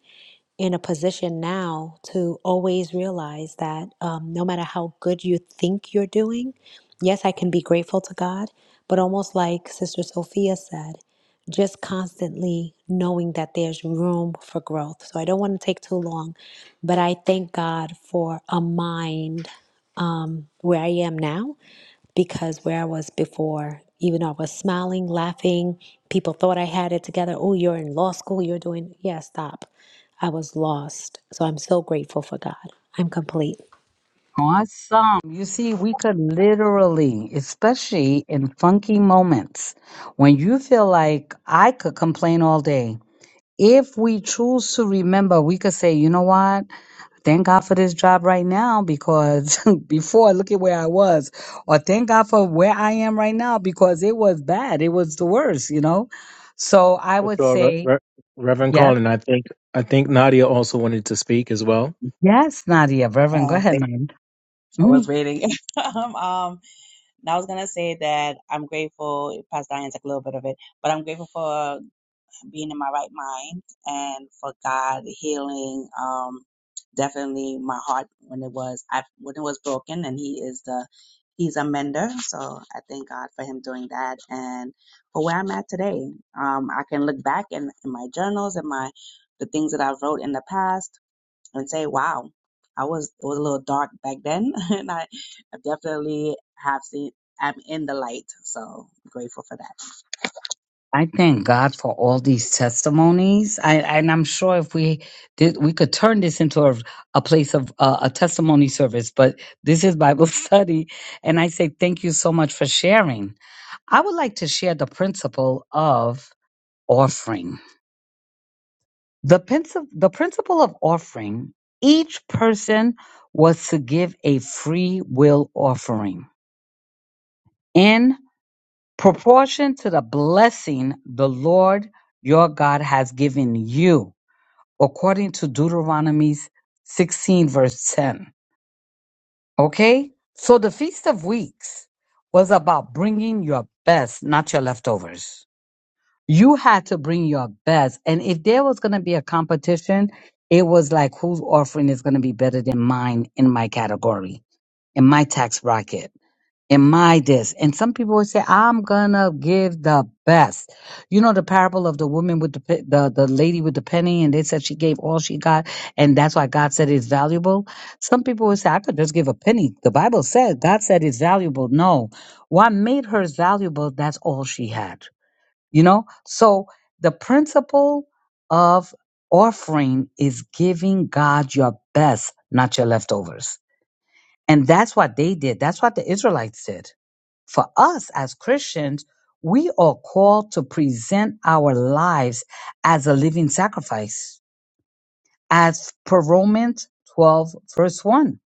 Speaker 9: in a position now to always realize that um, no matter how good you think you're doing, yes, I can be grateful to God, but almost like Sister Sophia said, just constantly knowing that there's room for growth. So I don't want to take too long, but I thank God for a mind um, where I am now because where I was before, even though I was smiling, laughing, people thought I had it together. Oh, you're in law school, you're doing, yeah, stop. I was lost. So I'm so grateful for God. I'm complete.
Speaker 6: Awesome. You see, we could literally, especially in funky moments, when you feel like I could complain all day. If we choose to remember, we could say, you know what? Thank God for this job right now because *laughs* before, look at where I was. Or thank God for where I am right now because it was bad. It was the worst, you know? So I
Speaker 1: For
Speaker 6: would
Speaker 1: sure, Re-
Speaker 6: say,
Speaker 1: Re- Reverend
Speaker 6: yes,
Speaker 1: Colin. I think I think Nadia also wanted to speak as well.
Speaker 6: yes, Nadia. Reverend, go
Speaker 3: Uh,
Speaker 6: ahead,
Speaker 3: thank you.
Speaker 6: man.
Speaker 3: I was waiting. *laughs* um, um, and I was gonna say that I'm grateful. Pastor Diane's like a little bit of it, but I'm grateful for being in my right mind and for God healing um definitely my heart when it was I when it was broken and he is the he's a mender so I thank God for him doing that and for where I'm at today um I can look back in, in my journals and my the things that i wrote in the past and say wow I was it was a little dark back then *laughs* and I, I definitely have seen I'm in the light so I'm grateful for
Speaker 6: I thank God for all these testimonies. I and I'm sure if we did, we could turn this into a, a place of uh, a testimony service. But this is Bible *laughs* study, and I say thank you so much for sharing. I would like to share the principle of offering. The principle, the principle of offering. Each person was to give a free will offering in proportion to the blessing the Lord your God has given you according to Deuteronomy 16, verse 10. Okay? So the Feast of Weeks was about bringing your best, not your leftovers. You had to bring your best. And if there was going to be a competition, it was like whose offering is going to be better than mine in my category, in my tax bracket in my this. And some people would say, I'm gonna give the best. You know, the parable of the woman with the, pe- the, the lady with the penny and they said she gave all she got and that's why God said it's valuable. Some people would say, I could just give a penny. The Bible said, God said it's valuable. No. What made hers valuable, that's all she had. You know? So the principle of offering is giving God your best, not your leftovers. And that's what they did. That's what the Israelites did for us as Christians, we are called to present our lives as a living sacrifice, as per Romans 12, verse 1.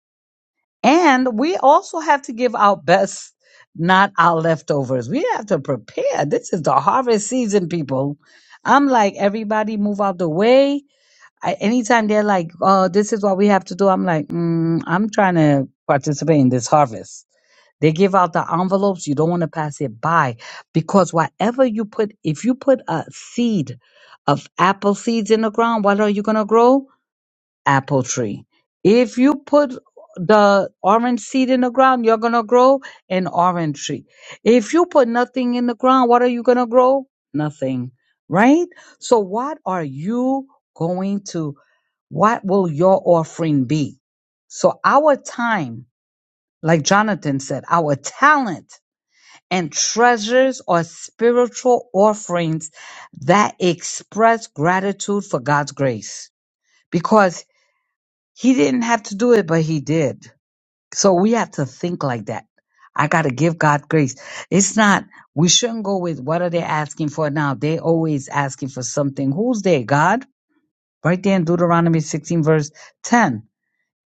Speaker 6: And we also have to give our best, not our leftovers. We have to prepare. This is the harvest season, people. I'm like, everybody move out the way. I, anytime they're like, oh, this is what we have to do, I'm like, mm, I'm trying to participate in this harvest. They give out the envelopes. You don't want to pass it by because whatever you put, if you put a seed of apple seeds in the ground, what are you going to grow? Apple tree. If you put the orange seed in the ground, you're going to grow an orange tree. If you put nothing in the ground, what are you going to grow? Nothing, right? So what are you going to, what will your offering be? So our time like Jonathan said, our talent and treasures are spiritual offerings that express gratitude for God's grace because he didn't have to do it, but he did. So we have to think like that. I got to give God grace. It's not, we shouldn't go with what are they asking for now? They always asking for something. Who's they? God? Right there in Deuteronomy 16 verse 10.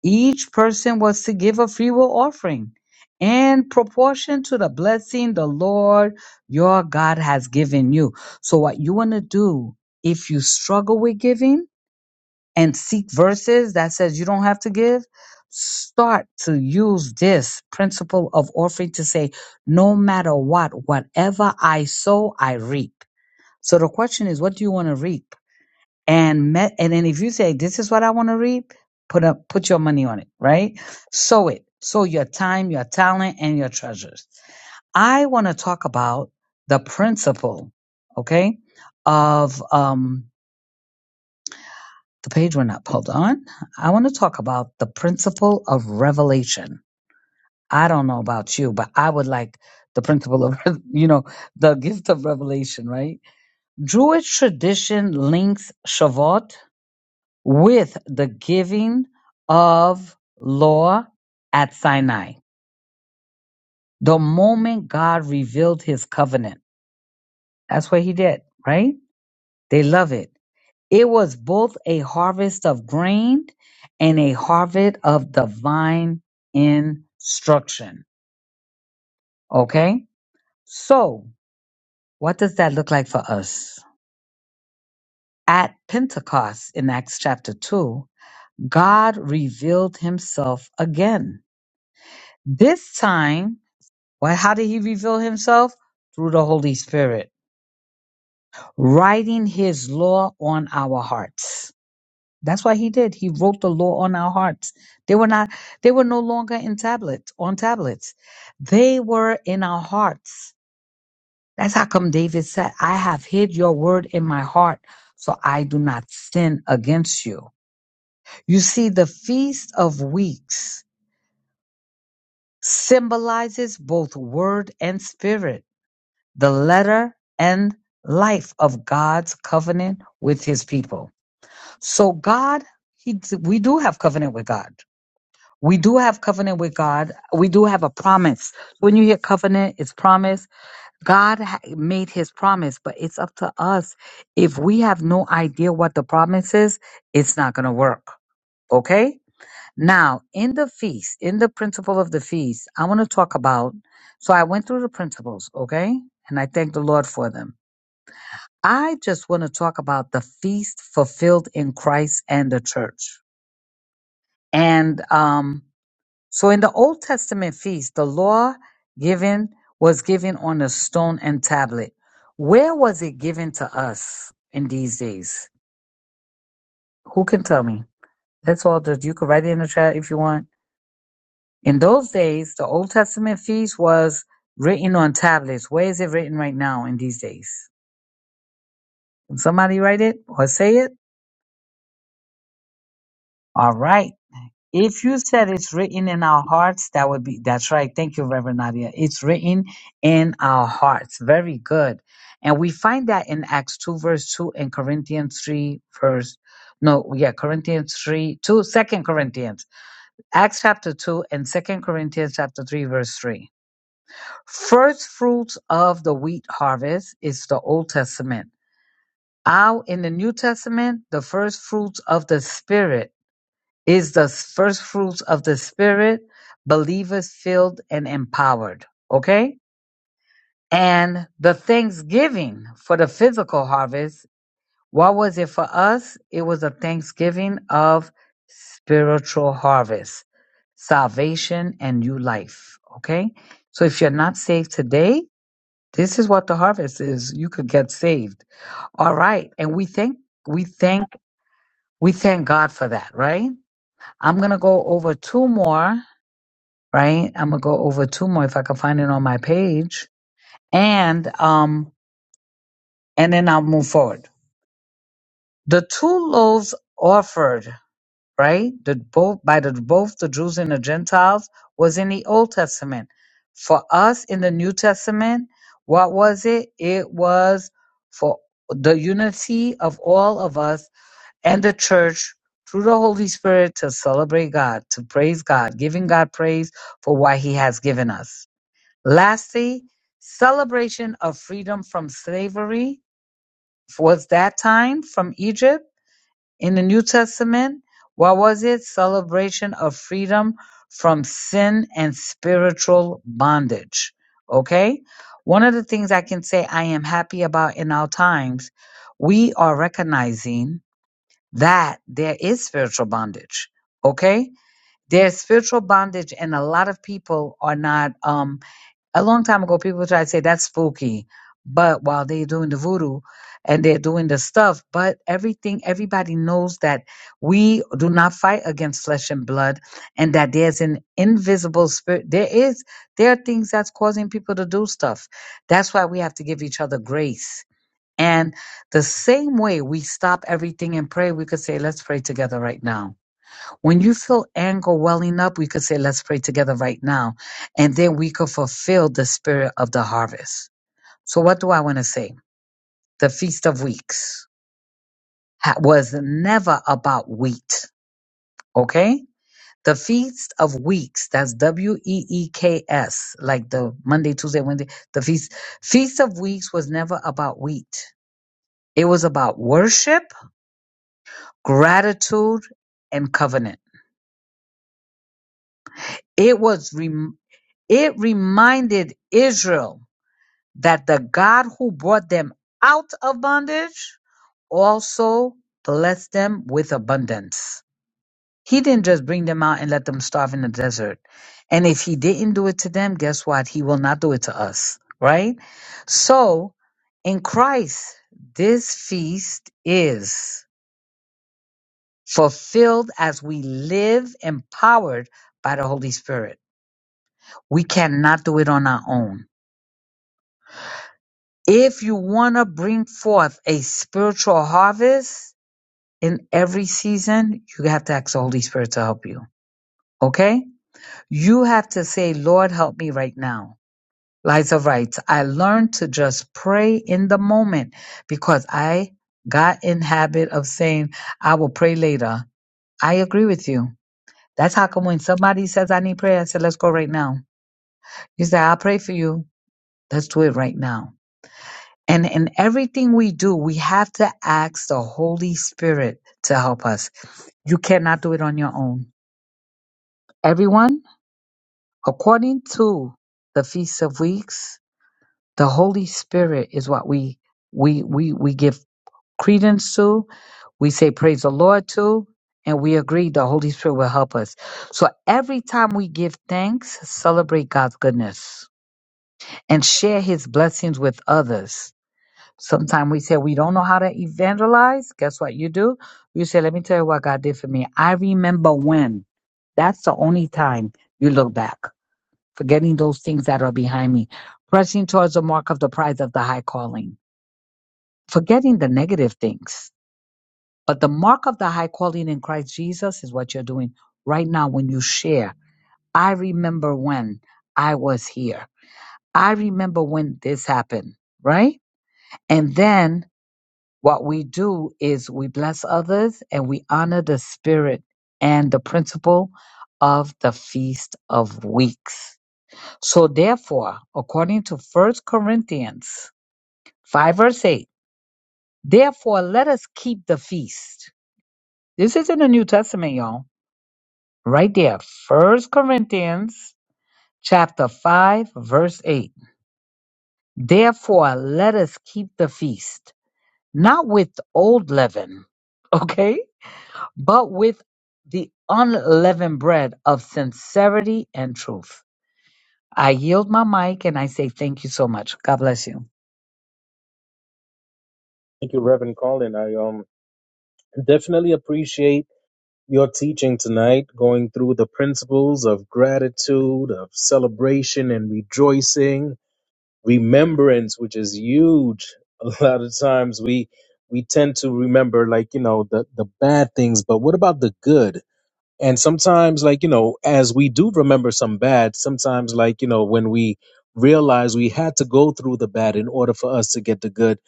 Speaker 6: Each person was to give a freewill offering in proportion to the blessing the Lord your God has given you. So what you want to do if you struggle with giving and seek verses that says you don't have to give, start to use this principle of offering to say no matter what, whatever I sow, I reap. So the question is what do you want to reap? and met and then if you say this is what I want to read, put up put your money on it, right? Sow it. Sow your time, your talent, and your treasures. I want to talk about the principle, okay, of um the page went up. Hold on. I want to talk about the principle of revelation. I don't know about you, but I would like the principle of *laughs* you know the gift of revelation, right? Jewish tradition links Shavuot with the giving of law at Sinai. The moment God revealed his covenant. That's what he did, right? They love it. It was both a harvest of grain and a harvest of divine instruction. Okay? So, what does that look like for us? At Pentecost in Acts chapter 2, God revealed himself again. This time, Well, how did he reveal himself? Through the Holy Spirit, writing his law on our hearts. That's what he did. He wrote the law on our hearts. They were not, they were no longer in tablets, on tablets. They were in our hearts. That's how come David said, I have hid your word in my heart so I do not sin against you. You see, the Feast of Weeks symbolizes both word and spirit. the letter and life of God's covenant with his people. So God, he, we do have covenant with God. We do have covenant with God. We do have a promise. When you hear covenant, it's promise. God ha- made his promise, but it's up to us. If we have no idea what the promise is, it's not going to work. Okay? Now, in the feast, in the principle of the feast, I want to talk about. So I went through the principles, okay? And I thank the Lord for them. I just want to talk about the feast fulfilled in Christ and the church. And um, so in the Old Testament feast, the law given was given on a stone and tablet. Where was it given to us in these days? Who can tell me? That's all. That you could write it in the chat if you want. In those days, the Old Testament feast was written on tablets. Where is it written right now in these days? Can somebody write it or say it? All right. If you said it's written in our hearts, that would be that's right. Thank you, Reverend Nadia. It's written in our hearts. Very good. And we find that in Acts 2, verse 2 and Corinthians 3, verse no, yeah, Corinthians 3, 2, Second Corinthians. Acts chapter 2 and Second Corinthians chapter 3, verse 3. First fruits of the wheat harvest is the Old Testament. Out in the New Testament, the first fruits of the Spirit is the first fruits of the Spirit, believers filled and empowered. Okay? And the thanksgiving for the physical harvest, what was it for us? It was a thanksgiving of spiritual harvest, salvation, and new life. Okay? So if you're not saved today, this is what the harvest is. You could get saved. All right. And we thank, we thank, we thank God for that, right? I'm going to go over two more right? I'm gonna go over two more if I can find it on my page, and um, and then I'll move forward. The two loaves offered, right, the both by the both the Jews and the Gentiles was in the Old Testament. For us in the New Testament, what was it? It was for the unity of all of us and the church through the Holy Spirit to celebrate God, to praise God, giving God praise for what He has given us Lastly, celebration of freedom from slavery was that time from Egypt in the New Testament. What was it? Celebration of freedom from sin and spiritual bondage. Okay? One of the things I can say I am happy about in our times, we are recognizing that there is spiritual bondage. Okay? There's spiritual bondage, and a lot of people are not. um a long time ago, people tried to say that's spooky, but while they're doing the voodoo and they're doing the stuff, but everything, everybody knows that we do not fight against flesh and blood, and that there's an invisible spirit. There is, there are things that's causing people to do stuff. That's why we have to give each other grace. And the same way we stop everything and pray, we could say, let's pray together right now when you feel anger welling up, we could say, let's pray together right now. And then we could fulfill the spirit of the harvest. So what do I want to say? The Feast of Weeks ha- was never about wheat. Okay. The Feast of Weeks, that's W-E-E-K-S, like the Monday, Tuesday, Wednesday, the Feast. Feast of Weeks was never about wheat. It was about worship, gratitude, and covenant. It was, rem- it reminded Israel that the God who brought them out of bondage also blessed them with abundance. He didn't just bring them out and let them starve in the desert. And if he didn't do it to them, guess what? He will not do it to us, right? So in Christ, this feast is fulfilled as we live empowered by the Holy Spirit. We cannot do it on our own. If you want to bring forth a spiritual harvest in every season, you have to ask the Holy Spirit to help you. Okay? You have to say, Lord, help me right now. Liza writes, I learned to just pray in the moment because I got in habit of saying, I will pray later. I agree with you. That's how come when somebody says, I need prayer, I say, let's go right now. You say, I'll pray for you. Let's do it right now. And in everything we do, we have to ask the Holy Spirit to help us. You cannot do it on your own. Everyone, according to the Feast of Weeks, the Holy Spirit is what we we we we give credence to. We say praise the Lord to, and we agree the Holy Spirit will help us. So every time we give thanks, celebrate God's goodness and share his blessings with others. Sometimes we say we don't know how to evangelize. Guess what you do? You say, let me tell you what God did for me. I remember when. That's the only time you look back, forgetting those things that are behind me, pressing towards the mark of the prize of the high calling, forgetting the negative things. But the mark of the high calling in Christ Jesus is what you're doing right now when you share. I remember when I was here. I remember when this happened, right? And then What we do is we bless others and we honor the spirit and the principle of the Feast of Weeks. So therefore, according to First Corinthians 5 verse 8, therefore let us keep the feast. This is in the New Testament, y'all. Right there. First Corinthians chapter 5 verse 8. Therefore let us keep the feast, not with old leaven, *laughs* okay? but with the unleavened bread of sincerity and truth. I yield my mic and I say thank you so much. God bless you.
Speaker 1: Thank you, Reverend Colin. I um definitely appreciate your teaching tonight, going through the principles of gratitude, of celebration and rejoicing, remembrance, which is huge. *laughs* A lot of times we we tend to remember like you know the the bad things, but what about the good? And sometimes, like, you know, as we do remember some bad, sometimes, like, you know, when we realize we had to go through the bad in order for us to get the good,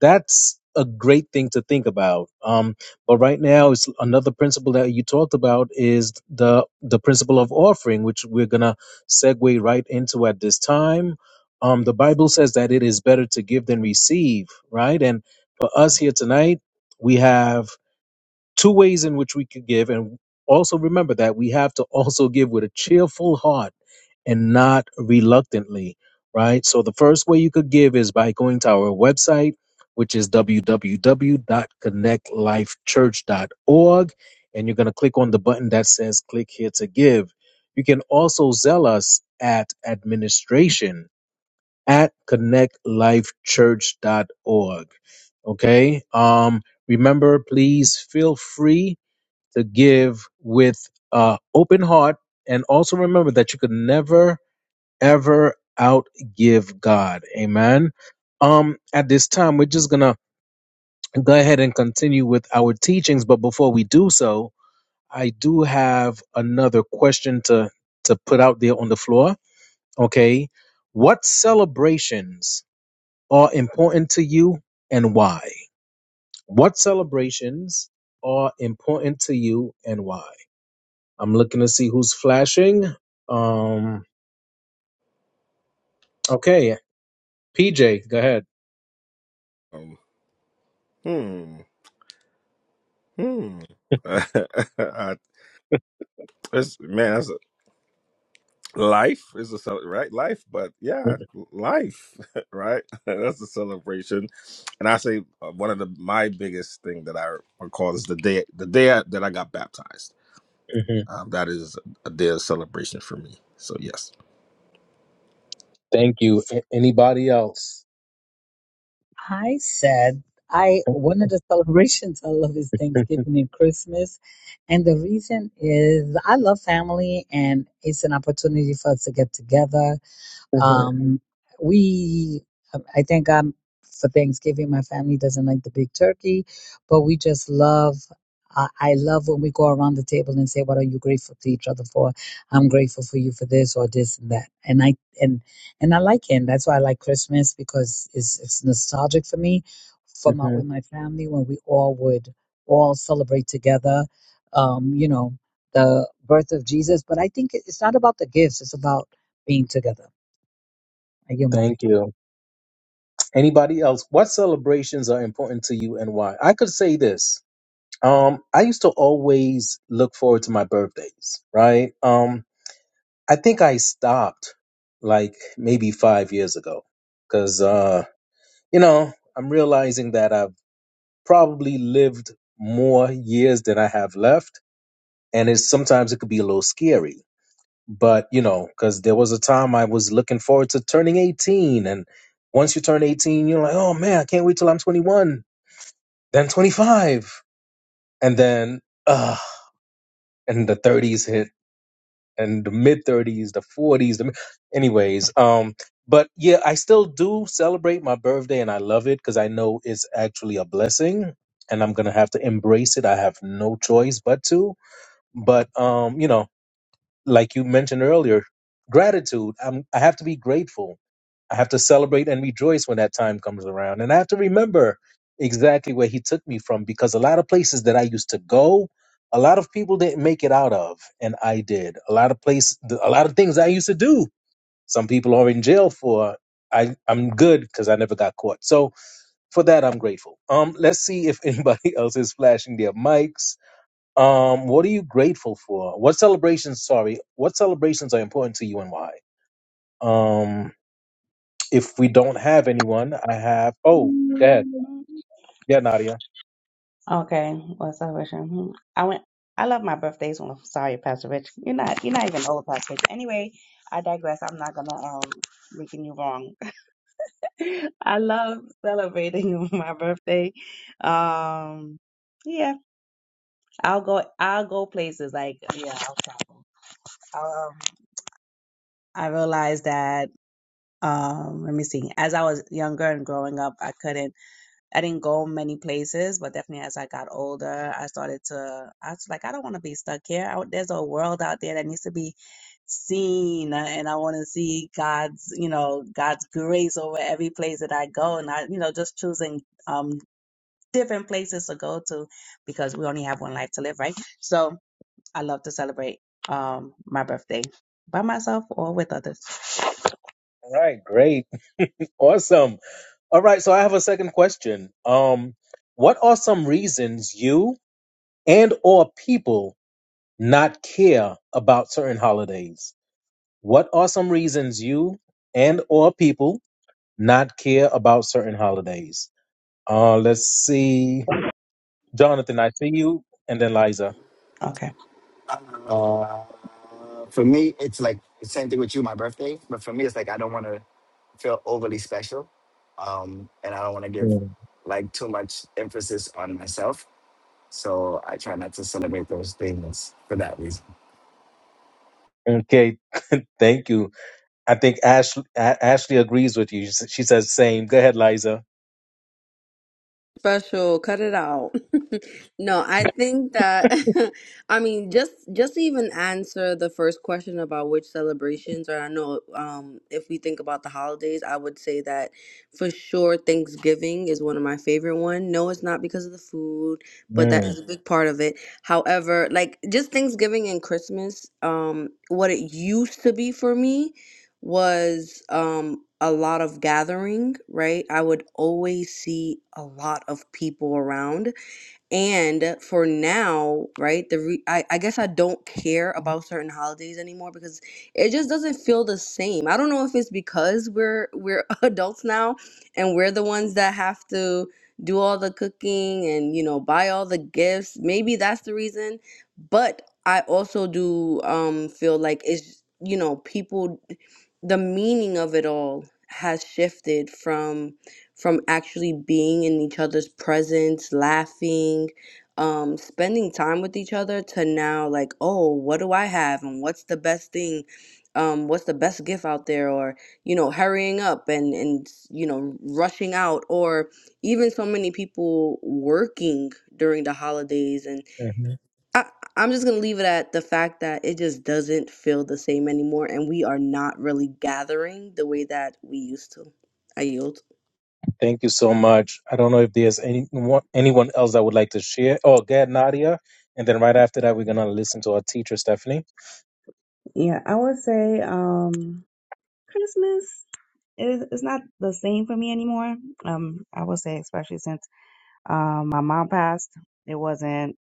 Speaker 1: that's a great thing to think about. Um, but right now, it's another principle that you talked about is the the principle of offering, which we're gonna segue right into at this time. Um, the Bible says that it is better to give than receive, right? And for us here tonight, we have two ways in which we could give and also remember that we have to *laughs* also give with a cheerful heart and not reluctantly right so the first way you could give is by going to our website which is www.connectlifechurch.org and you're going to click on the button that says click here to give you can also zell us at administration at connectlifechurch.org okay um remember please feel free to give with uh, open heart. And also remember that you could never, ever outgive God. Amen. Um, at this time, we're just going to go ahead and continue with our teachings. But before we do so, I do have another question to, to put out there on the floor. Okay. What celebrations are important to you and why? What celebrations are important to you and why? I'm looking to see who's flashing. Um, okay, PJ, go ahead.
Speaker 2: Um, Hmm. Hmm. *laughs* I- it's, man, that's a, life is a cel- right life, but yeah, life, *laughs* right? *laughs* that's a celebration. And I say uh, one of the my biggest thing that I recall is the day the day I, that I got baptized.
Speaker 1: Mhm.
Speaker 2: Um, that is a day of celebration for me. So yes.
Speaker 1: Thank you. A- anybody else?
Speaker 6: I said I one of the celebrations I love is
Speaker 1: Mhm.
Speaker 6: Thanksgiving and Christmas. And the reason is I love family and it's an opportunity for us to get together Um, we, um, I thank God for Thanksgiving. My family doesn't like the big turkey, but we just love. I I love when we go around the table and say, "What are you grateful to each other for?" I'm grateful for you for this or this and that. And I and and I like it. And that's why I like Christmas because it's it's nostalgic for me, from my,
Speaker 1: Mhm.
Speaker 6: with my family when we all would all celebrate together. Um, you know, the birth of Jesus. But I think it- it's not about the gifts; it's about being together. I yield my mic.
Speaker 1: Thank you. Anybody else? What celebrations are important to you and why? I could say this. Um, I used to always look forward to my birthdays, right? Um, I think I stopped like maybe five years ago because, uh, you know, I'm realizing that I've probably lived more years than I have left. And it's sometimes it could be a little scary, but you know, because there was a time I was looking forward to turning 18. And once you turn 18, you're like, oh man, I can't wait till I'm 21, then 25. And then, uh, and the 30s hit and the mid 30s, the 40s, the anyways. Um, but yeah, I still do celebrate my birthday and I love it because I know it's actually a blessing and I'm gonna have to embrace it. I have no choice but to. But um, you know, like you mentioned earlier, gratitude. I'm, I have to be grateful I have to celebrate and rejoice when that time comes around. And I have to remember exactly where he took me from because a lot of places that I used to go, a lot of people didn't make it out of, and I did. A lot of place, a lot of things I used to do. Some people are in jail for. I I'm good because I never got caught. So for that I'm grateful. Um, let's see if anybody *laughs* else is flashing their mics. Um, what are you grateful for? What celebrations? Sorry, what celebrations are important to you and why? Um, if we don't have anyone, I have. Oh, go ahead.
Speaker 3: that
Speaker 1: Yeah, Nadia.
Speaker 3: Okay, what celebration? Hmm. I went. I love my birthdays. When I'm sorry, Pastor Rich, you're not. You're not even old, Pastor Rich. Anyway, I digress. I'm not gonna um making you wrong. *laughs* I love celebrating *laughs* my birthday. Um, yeah, I'll go. I'll go places like yeah. I'll travel. Um, I realized that. Um, let me see. As I was younger and growing up, I couldn't. I didn't go many places, but definitely as I got older, I started to, I was like, I don't want to be stuck here. I, there's a world out there that needs to be seen, uh, and I want to see God's, you know, God's grace over every place that I go. And I, you know, just choosing um different places to go to because we only have one life to live, right? So, I love to celebrate um, my birthday by myself or with others.
Speaker 1: All right, great, *laughs* awesome. All right, so I have a second question. Um, what are some reasons you and or people not care about certain holidays? What are some reasons you and or people not care about certain holidays? Uh, let's see, Jonathan. I see you, and then Liza.
Speaker 3: Okay.
Speaker 7: Uh, for me, it's like the same thing with you, my birthday. But for me, it's like I don't want to feel overly special. Um, and I don't want to give
Speaker 1: Mm.
Speaker 7: like too much emphasis on myself. So I try not to celebrate those things for that reason.
Speaker 1: Okay, *laughs* thank you. I think Ash, A- Ashley agrees with you. She says same. Go ahead, Liza.
Speaker 5: special cut it out *laughs* no i think that *laughs* i mean just just to even answer the first question about which celebrations or i know um if we think about the holidays i would say that for sure thanksgiving is one of my favorite one no it's not because of the food but that
Speaker 1: Mm-hmm.
Speaker 5: is a big part of it however like just thanksgiving and christmas um what it used to be for me was um a lot of gathering, right? I would always see a lot of people around and for now, right, the re- I, I guess I don't care about certain holidays anymore because it just doesn't feel the same. I don't know if it's because we're we're *laughs* adults now and we're the ones that have to do all the cooking and you know buy all the gifts. Maybe that's the reason, but I also do um feel like it's you know people the meaning of it all has shifted from from actually being in each other's presence, laughing, um, spending time with each other to now like, oh, what do I have and what's the best thing? Um, what's the best gift out there or you know hurrying up and and you know rushing out or even so many people working during the holidays and I, i'm just gonna leave it at the fact that it just doesn't feel the same anymore and we are not really gathering the way that we used to i yield
Speaker 1: Thank you so much. I don't know if there's any anyone else that would like to share. Oh, go ahead, Nadia. And then right after that, we're gonna listen to our teacher, Stephanie.
Speaker 3: Yeah, I would say um, Christmas is it's not the same for me anymore. Um, I would say especially since um, my mom passed, it wasn't.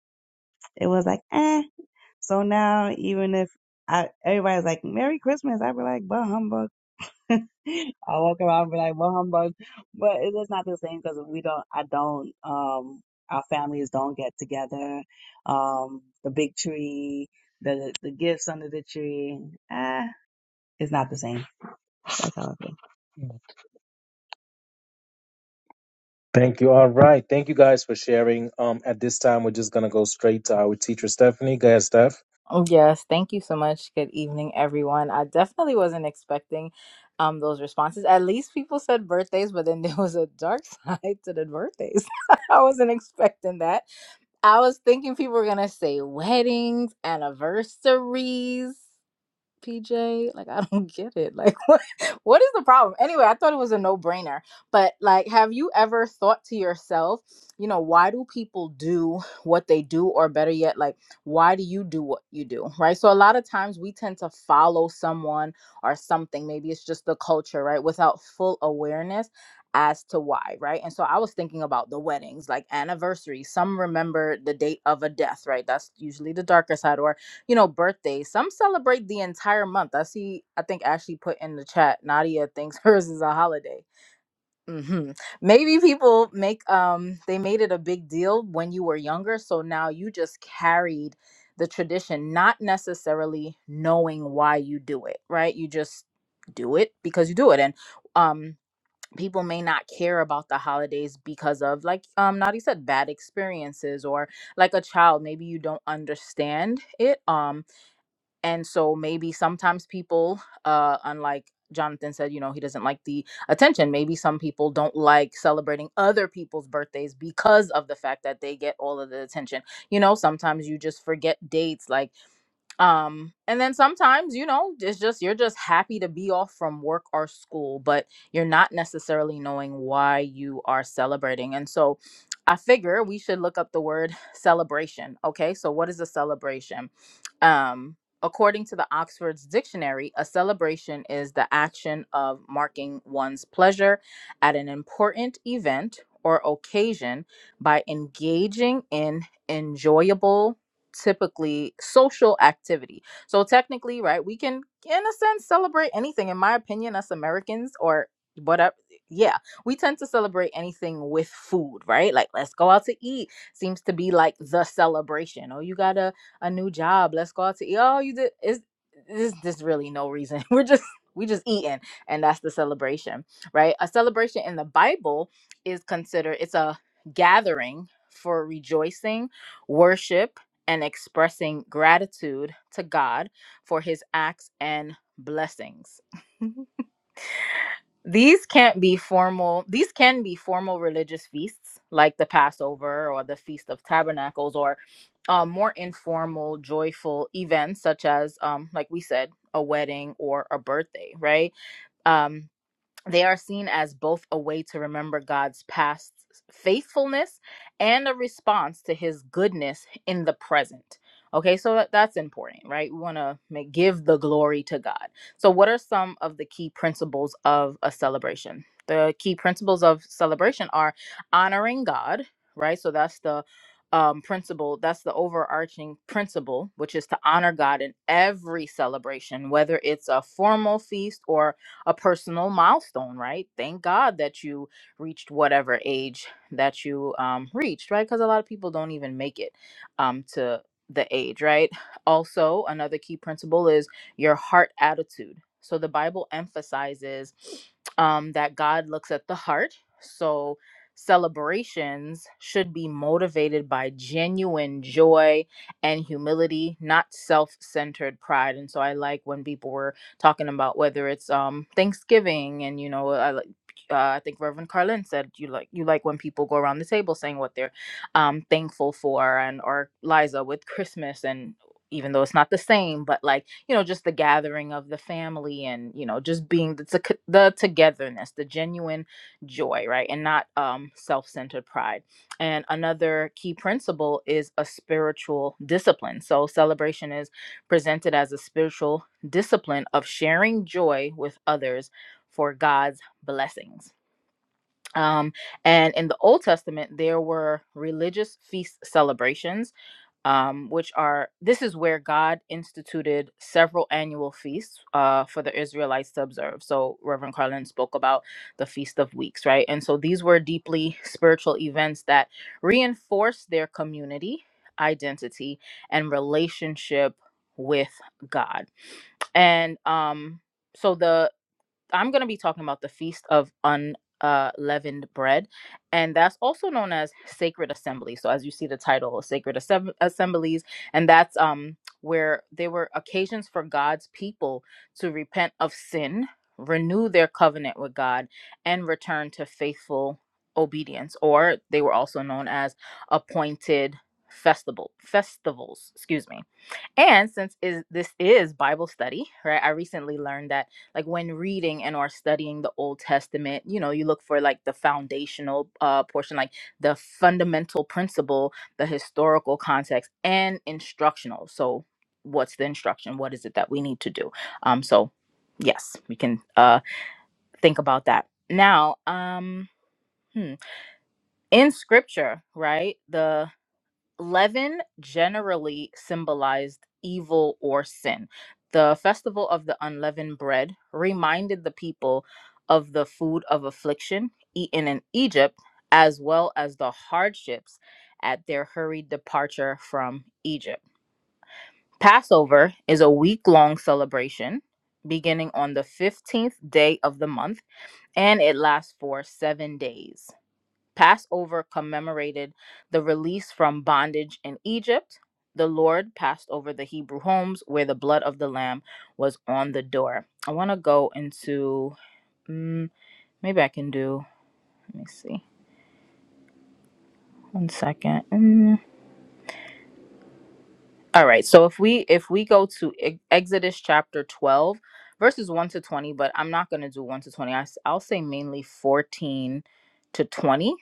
Speaker 3: It was like eh. So now even if I everybody's like Merry Christmas, I'd be like bah humbug. *laughs* I walk around and be like, well, humbug. But it is not the same because we don't, I don't, um, our families don't get together. Um, the big tree, the the gifts under the tree, eh, it's not the same. That's how I feel.
Speaker 1: Thank you. All right. Thank you guys for sharing. Um, at this time, we're just gonna go straight to our teacher, Stephanie. Go ahead, Steph.
Speaker 4: Oh, yes thank you so much good evening everyone i definitely wasn't expecting um those responses at least people said birthdays but then *laughs* there was a dark *laughs* side to the birthdays *laughs* i wasn't expecting that I was thinking people were gonna say weddings, anniversaries. PJ? Like, I don't *laughs* get it. Like, *laughs* what, what is the problem? Anyway, I thought it was a no brainer. But, like, have you ever thought to yourself, you know, why do people do what they do? Or better yet, like, why do you do what you do? Right. So, a lot of times we tend to follow someone or something. Maybe it's just the culture, right? Without full awareness as to why, right? And so I was thinking about the weddings, like anniversaries. Some remember the date of a death, right? That's usually the darker side. Or you know, birthdays. Some celebrate the entire month. I see, I think Ashley put in the chat, Nadia thinks *laughs* hers is a holiday. hmm Maybe people make, um, they made it a big deal when you were younger. So now you just carried the tradition, not necessarily knowing why you do it, right? You just do it because you do it. And, um, people may not care about the holidays because of like um Nadia said bad experiences or like a child maybe you don't understand it um and so maybe sometimes people uh unlike jonathan said you know he doesn't like the attention maybe some people don't like celebrating other people's birthdays because of the fact that they get all of the attention you know sometimes you just forget dates like um and then sometimes you know it's just you're just happy to be off from work or school but you're not necessarily knowing why you are celebrating and so i figure we should look up the word celebration okay so what is a celebration um, according to the Oxford's Dictionary, a celebration is the action of marking one's pleasure at an important event or occasion by engaging in enjoyable, typically social activity. So, technically, right, we can, in a sense, celebrate anything. In my opinion, us Americans or whatever. Yeah, we tend to celebrate anything with food, right? Like, let's go out to eat seems to be like the celebration. Oh, you gotta a new job. Let's go out to eat. Oh, you did. Is this? This really no reason. *laughs* We're just we just eating, and that's the celebration, right? A celebration in the Bible is considered it's a gathering for rejoicing, worship, and expressing gratitude to God for His acts and blessings. *laughs* These can't be formal. These can be formal religious feasts like the Passover or the Feast of Tabernacles or um, more informal, joyful events such as, um, like we said, a wedding or a birthday, right? Um, they are seen as both a way to remember God's past faithfulness and a response to his goodness in the present. Okay, so that, that's important, right? We want to make, give the glory to God. So, what are some of the key principles of a celebration? The key principles of celebration are honoring God, right? So, that's the um, principle, that's the overarching principle, which is to honor God in every celebration, whether it's a formal feast or a personal milestone, right? Thank God that you reached whatever age that you um, reached, right? Because a lot of people don't even make it um, to the age, right? Also, another key principle is your heart attitude. So the Bible emphasizes um, that God looks at the heart. So celebrations should be motivated by genuine joy and humility, not self centered pride. And so I like when people were talking about whether it's um Thanksgiving and you know I like uh, I think Reverend Carlin said you like you like when people go around the table saying what they're um thankful for and or Liza with Christmas and even though it's not the same but like you know just the gathering of the family and you know just being the, to- the togetherness the genuine joy right and not um self-centered pride and another key principle is a spiritual discipline so celebration is presented as a spiritual discipline of sharing joy with others for God's blessings. Um, and in the Old Testament, there were religious feast celebrations, um, which are this is where God instituted several annual feasts uh, for the Israelites to observe. So Reverend Carlin spoke about the Feast of Weeks, right? And so these were deeply spiritual events that reinforced their community identity and relationship with God and um so the i'm going to be talking about the feast of unleavened uh, leavened bread and that's also known as sacred assembly so as you see the title sacred Assem- assemblies and that's um where there were occasions for god's people to repent of sin renew their covenant with god and return to faithful obedience or they were also known as appointed festival festivals excuse me and since is this is Bible study, right? I recently learned that like when reading and or studying the Old Testament, you know, you look for like the foundational uh portion, like the fundamental principle, the historical context, and instructional. So what's the instruction? What is it that we need to do? Um so yes, we can uh think about that. Now, um hmm, in scripture, right? The Leaven generally symbolized evil or sin. The festival of the unleavened bread reminded the people of the food of affliction eaten in Egypt, as well as the hardships at their hurried departure from Egypt. Passover is a week long celebration beginning on the 15th day of the month and it lasts for seven days. Passover commemorated the release from bondage in Egypt. The Lord passed over the Hebrew homes where the blood of the lamb was on the door. I want to go into, mm, maybe I can do, let me see. One second. Mm. All right. So if we if we go to E- Exodus chapter 12 verses 1 to 20, but I'm not going to do 1 to 20. I, will say mainly 14 to 20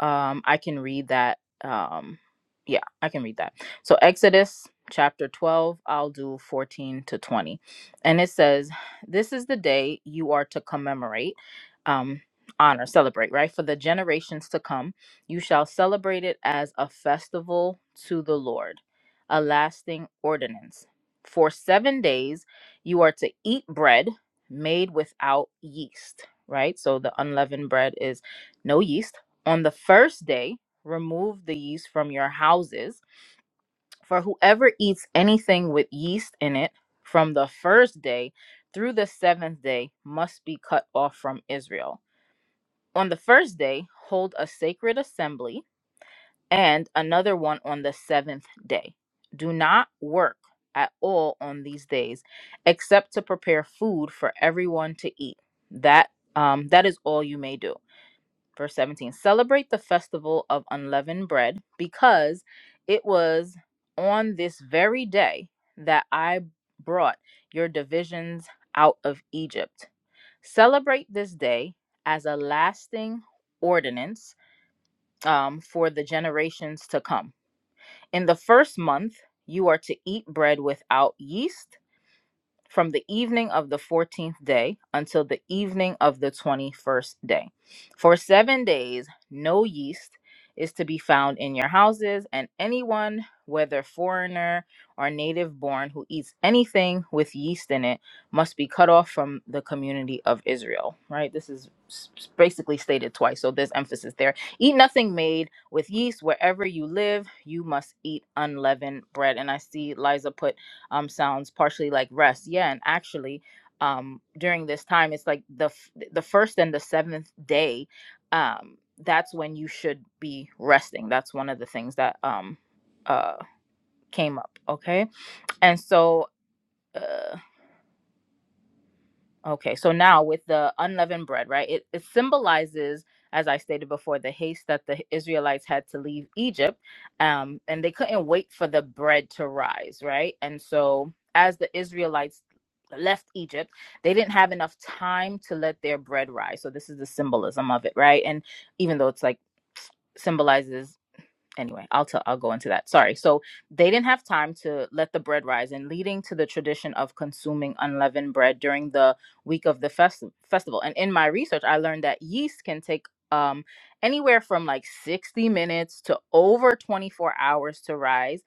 Speaker 4: Um, I can read that. Um, yeah, I can read that. So, Exodus chapter 12, I'll do 14 to 20. And it says, This is the day you are to commemorate, um, honor, celebrate, right? For the generations to come, you shall celebrate it as a festival to the Lord, a lasting ordinance. For seven days, you are to eat bread made without yeast, right? So, the unleavened bread is no yeast on the first day, remove the yeast from your houses. For whoever eats anything with yeast in it from the first day through the seventh day must be cut off from Israel. On the first day, hold a sacred assembly and another one on the seventh day. Do not work at all on these days except to prepare food for everyone to eat. That um, that is all you may do. Verse 17 Celebrate the festival of unleavened bread because it was on this very day that I brought your divisions out of Egypt. Celebrate this day as a lasting ordinance um, for the generations to come. In the first month, you are to eat bread without yeast from the evening of the 14th day until the evening of the 21st day. For seven days, no yeast is to be found in your houses, and anyone, whether foreigner or native born, who eats anything with yeast in it must be cut off from the community of Israel. Right? This is s- basically stated twice, so there's emphasis there. Eat nothing made with yeast wherever you live, you must eat unleavened bread. And I see Liza put um, sounds partially like rest. Yeah, and actually, um, during this time, it's like the f- the first and the seventh day. Um, that's when you should be resting. That's one of the things that um, uh, came up. Okay, and so. Uh, Okay, so now with the unleavened bread, right? It, it symbolizes, as I stated before, the haste that the Israelites had to leave Egypt, um, and they couldn't wait for the bread to rise, right? And so, as the Israelites left Egypt, they didn't have enough time to let their bread rise. So this is the symbolism of it, right? And even though it's like symbolizes anyway, I'll tell I'll go into that. Sorry. So they didn't have time to let the bread rise and leading to the tradition of consuming unleavened bread during the week of the fest- festival. And in my research, I learned that yeast can take um anywhere from like 60 minutes to over 24 hours to rise,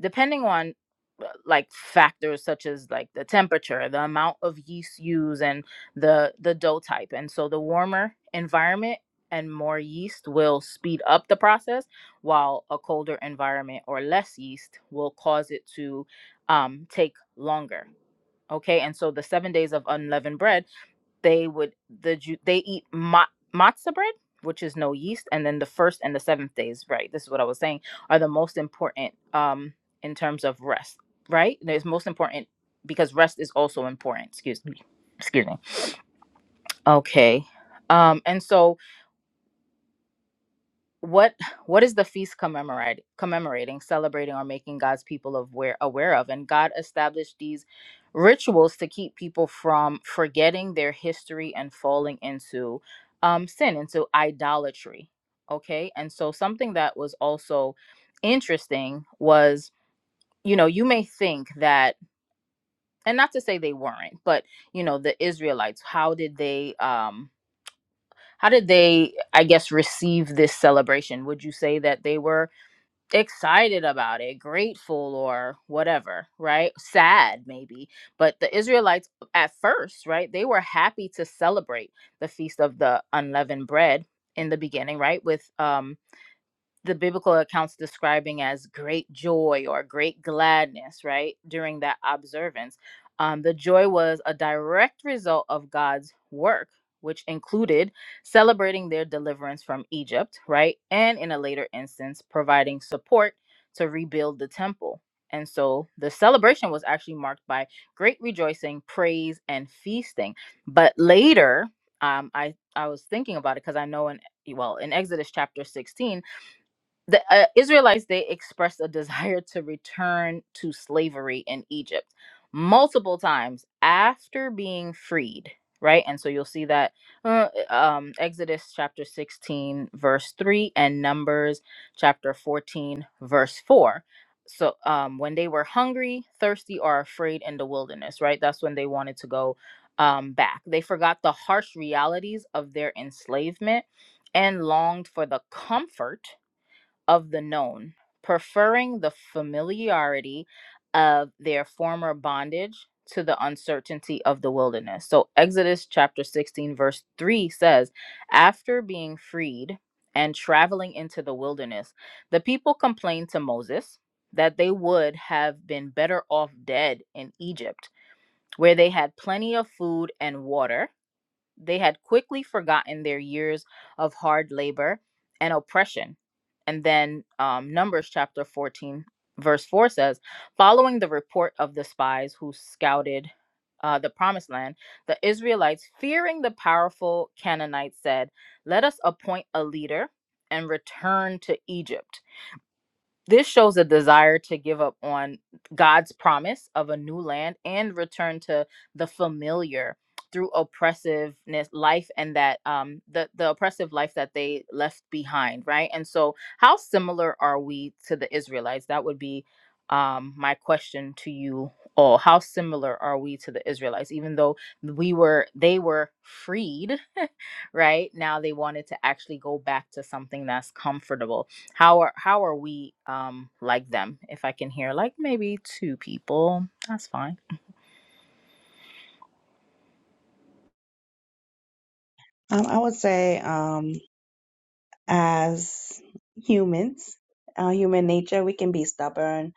Speaker 4: depending on uh, like factors such as like the temperature, the amount of yeast used and the the dough type. And so the warmer environment and more yeast will speed up the process while a colder environment or less yeast will cause it to um, take longer. Okay, and so the seven days of unleavened bread, they would the Ju- they eat ma- matzah bread, which is no yeast, and then the first and the seventh days, right? This is what I was saying are the most important um, in terms of rest, right? It's most important because rest is also important. Excuse me, excuse me. Okay, um, and so what what is the feast commemorate, commemorating celebrating or making god's people aware aware of and god established these rituals to keep people from forgetting their history and falling into um, sin into idolatry okay and so something that was also interesting was you know you may think that and not to say they weren't but you know the israelites how did they um how did they i guess receive this celebration would you say that they were excited about it, grateful or whatever, right? Sad maybe. But the Israelites at first, right, they were happy to celebrate the feast of the unleavened bread in the beginning, right? With um the biblical accounts describing as great joy or great gladness, right? During that observance, um, the joy was a direct result of God's work, which included celebrating their deliverance from Egypt, right? And in a later instance, providing support to rebuild the temple. And so the celebration was actually marked by great rejoicing, praise, and feasting. But later, um, I, I was thinking about it because I know in well in Exodus chapter 16 the uh, Israelites they expressed a desire to return to slavery in Egypt multiple times after being freed, right? And so you'll see that uh, um, Exodus chapter 16 verse 3 and Numbers chapter 14 verse 4. So um, when they were hungry, thirsty or afraid in the wilderness, right? That's when they wanted to go um, back. They forgot the harsh realities of their enslavement and longed for the comfort of the known, preferring the familiarity of their former bondage to the uncertainty of the wilderness. So, Exodus chapter 16, verse 3 says, After being freed and traveling into the wilderness, the people complained to Moses that they would have been better off dead in Egypt, where they had plenty of food and water they had quickly forgotten their years of hard labor and oppression. And then um, Numbers chapter 14, verse 4 says Following the report of the spies who scouted uh, the promised land, the Israelites, fearing the powerful Canaanites, said, Let us appoint a leader and return to Egypt. This shows a desire to give up on God's promise of a new land and return to the familiar through oppressiveness life and that um the the oppressive life that they left behind right and so how similar are we to the israelites that would be um my question to you all how similar are we to the israelites even though we were they were freed *laughs* right now they wanted to actually go back to something that's comfortable how are how are we um like them? If I can hear like maybe two people, that's fine.
Speaker 3: Um, I would say, um, as humans, uh, human nature, we can be stubborn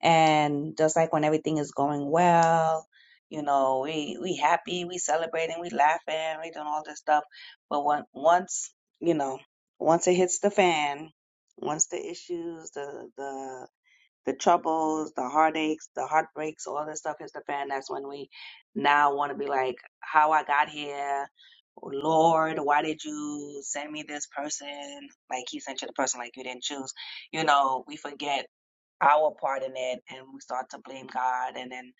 Speaker 3: And just like when everything is going well, you know, we we happy, we celebrating, we laughing, we doing all this stuff. But when once, you know, once it hits the fan, once the issues, the the the troubles, the heartaches, the heartbreaks, all this stuff hits the fan, that's when we now want to be like, how I got here, Oh, Lord, why did you send me this person? Like he sent you the person like you didn't choose. You know, we forget our part in it and we start to blame God and then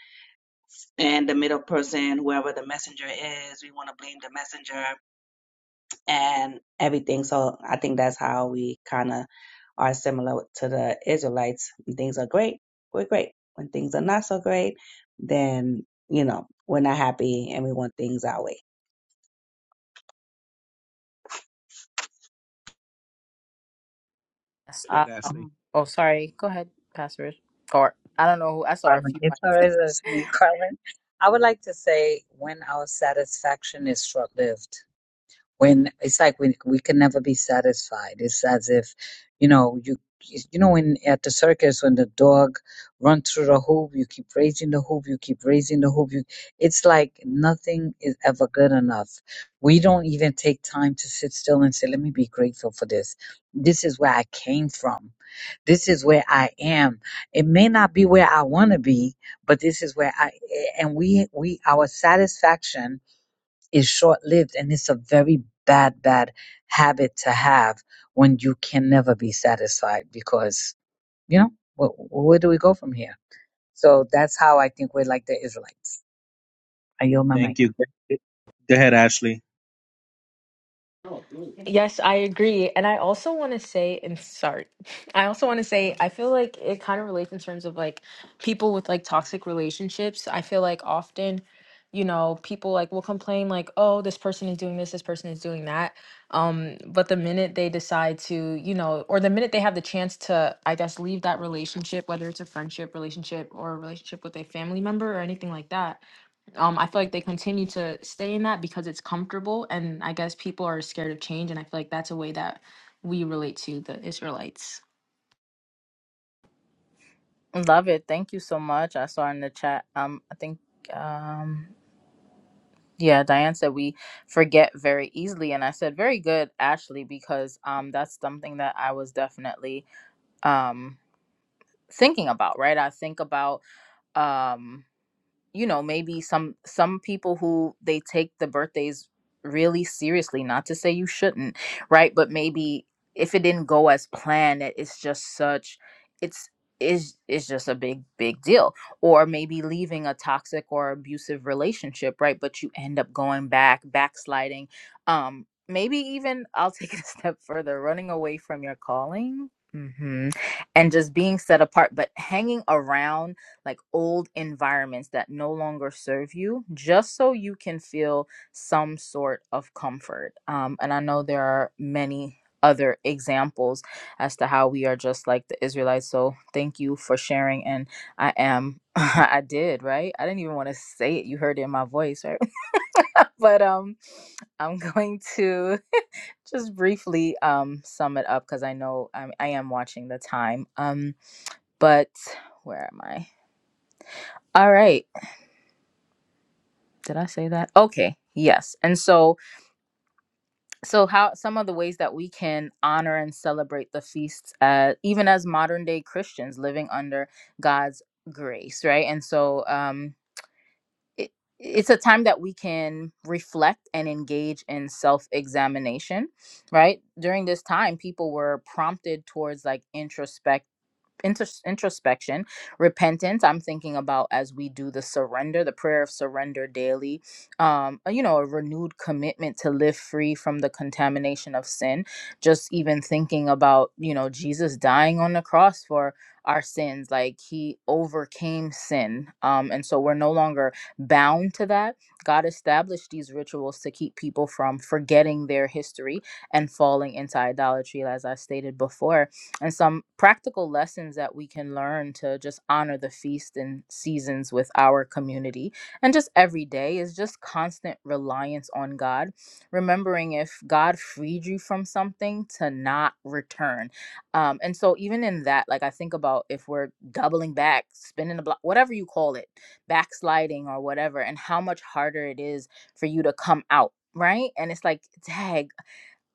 Speaker 3: and the middle person, whoever the messenger is, we want to blame the messenger and everything. So I think that's how we kind of are similar to the Israelites. When things are great, we're great. When things are not so great, then you know we're not happy and we want things our way.
Speaker 4: Yes.
Speaker 1: Go
Speaker 4: Uh,
Speaker 1: ahead, Ashley.
Speaker 6: Um,
Speaker 4: oh, sorry. Go ahead, Pastor. Rich. Or I don't know who. I saw a
Speaker 6: Carmen,
Speaker 4: few.
Speaker 6: if
Speaker 4: like,
Speaker 6: there is a me, Carmen, I would like to say when our satisfaction is short-lived. When it's like we we can never be satisfied. It's as if, you know, you you know, when at the circus when the dog runs through the hoop, you keep raising the hoop, you keep raising the hoop. You, it's like nothing is ever good enough. We don't even take time to sit still and say, "Let me be grateful for this. This is where I came from." This is where I am. It may not be where I want to be, but this is where I and we we our satisfaction is short-lived and it's a very bad bad habit to have when you can never be satisfied because, you know, wh- where do we go from here? So that's how I think we're like the Israelites. I yield my mic.
Speaker 1: Thank you. Go ahead, Ashley.
Speaker 10: Yes, I agree. And I also want to say, and sorry, *laughs* I also want to say, I feel like it kind of relates in terms of like people with like toxic relationships. I feel like often, you know, people like will complain, like, oh, this person is doing this, this person is doing that. Um, but the minute they decide to, you know, or the minute they have the chance to, I guess, leave that relationship, whether it's a friendship relationship or a relationship with a family member or anything like that um i feel like they continue to stay in that because it's comfortable and i guess people are scared of change and i feel like that's a way that we relate to the israelites
Speaker 4: *gasps* Love it. Thank you so much. I saw in the chat. Um, I think um yeah, Diane said we forget very easily and I said very good Ashley because um that's something that I was definitely um thinking about, right? I think about um you know maybe some some people who they take the birthdays really seriously not to say you shouldn't right but maybe if it didn't go as planned it- it's just such it's is is just a big big deal or maybe leaving a toxic or abusive relationship right but you end up going back backsliding um maybe even i'll take it *laughs* a step further running away from your calling hmm and just being set apart but hanging around like old environments that no longer serve you just so you can feel some sort of comfort um, and i know there are many other examples as to how we are just like the israelites so thank you for sharing and i am *laughs* i did right i didn't even want to say it you heard it in my voice right *laughs* but um i'm going to just briefly um sum it up because i know I'm, i am watching the time um but where am i all right did I say that? Okay, yes. And so, so how some of the ways that we can honor and celebrate the feasts, uh, even as modern day Christians living under God's grace, right? And so, um, it, it's a time that we can reflect and engage in self examination, right? During this time, people were prompted towards like introspect intros introspection repentance i'm thinking about as we do the surrender the prayer of surrender daily um uh, you know a renewed commitment to live free from the contamination of sin just even thinking about you know jesus dying on the cross for our sins like he overcame sin um and so we're no longer bound to that god established these rituals to keep people from forgetting their history and falling into idolatry as i stated before and some practical lessons that we can learn to just honor the feast and seasons with our community. And just every day is just constant reliance on God, remembering if God freed you from something to not return. Um, and so, even in that, like I think about if we're doubling back, spinning the block, whatever you call it, backsliding or whatever, and how much harder it is for you to come out. Right. And it's like, dag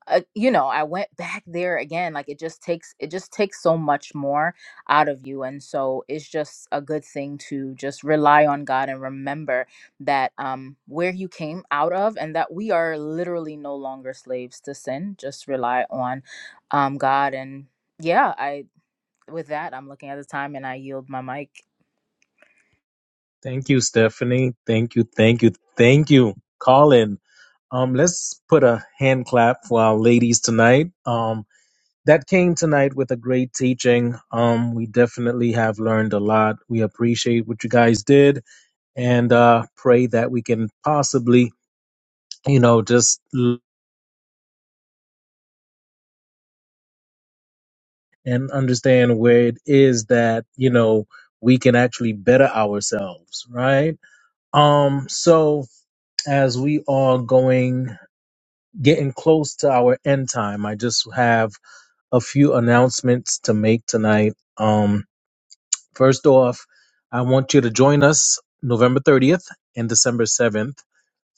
Speaker 4: uh, you know i went back there again like it just takes it just takes so much more out of you and so it's just a good thing to just rely on god and remember that um where you came out of and that we are literally no longer slaves to sin just rely on um god and yeah i with that i'm looking at the time and i yield my mic
Speaker 1: Thank you, Stephanie. Thank you. Thank you. Thank you, Colin. Um, let's put a hand clap for our ladies tonight. Um, that came tonight with a great teaching. Um, we definitely have learned a lot. We appreciate what you guys did and uh, pray that we can possibly, you know, just l- and understand where it is that, you know, we can actually better ourselves, right? Um, so as we are going, getting close to our end time, I just have a few announcements to make tonight. Um, first off, I want you to join us November 30th and December 7th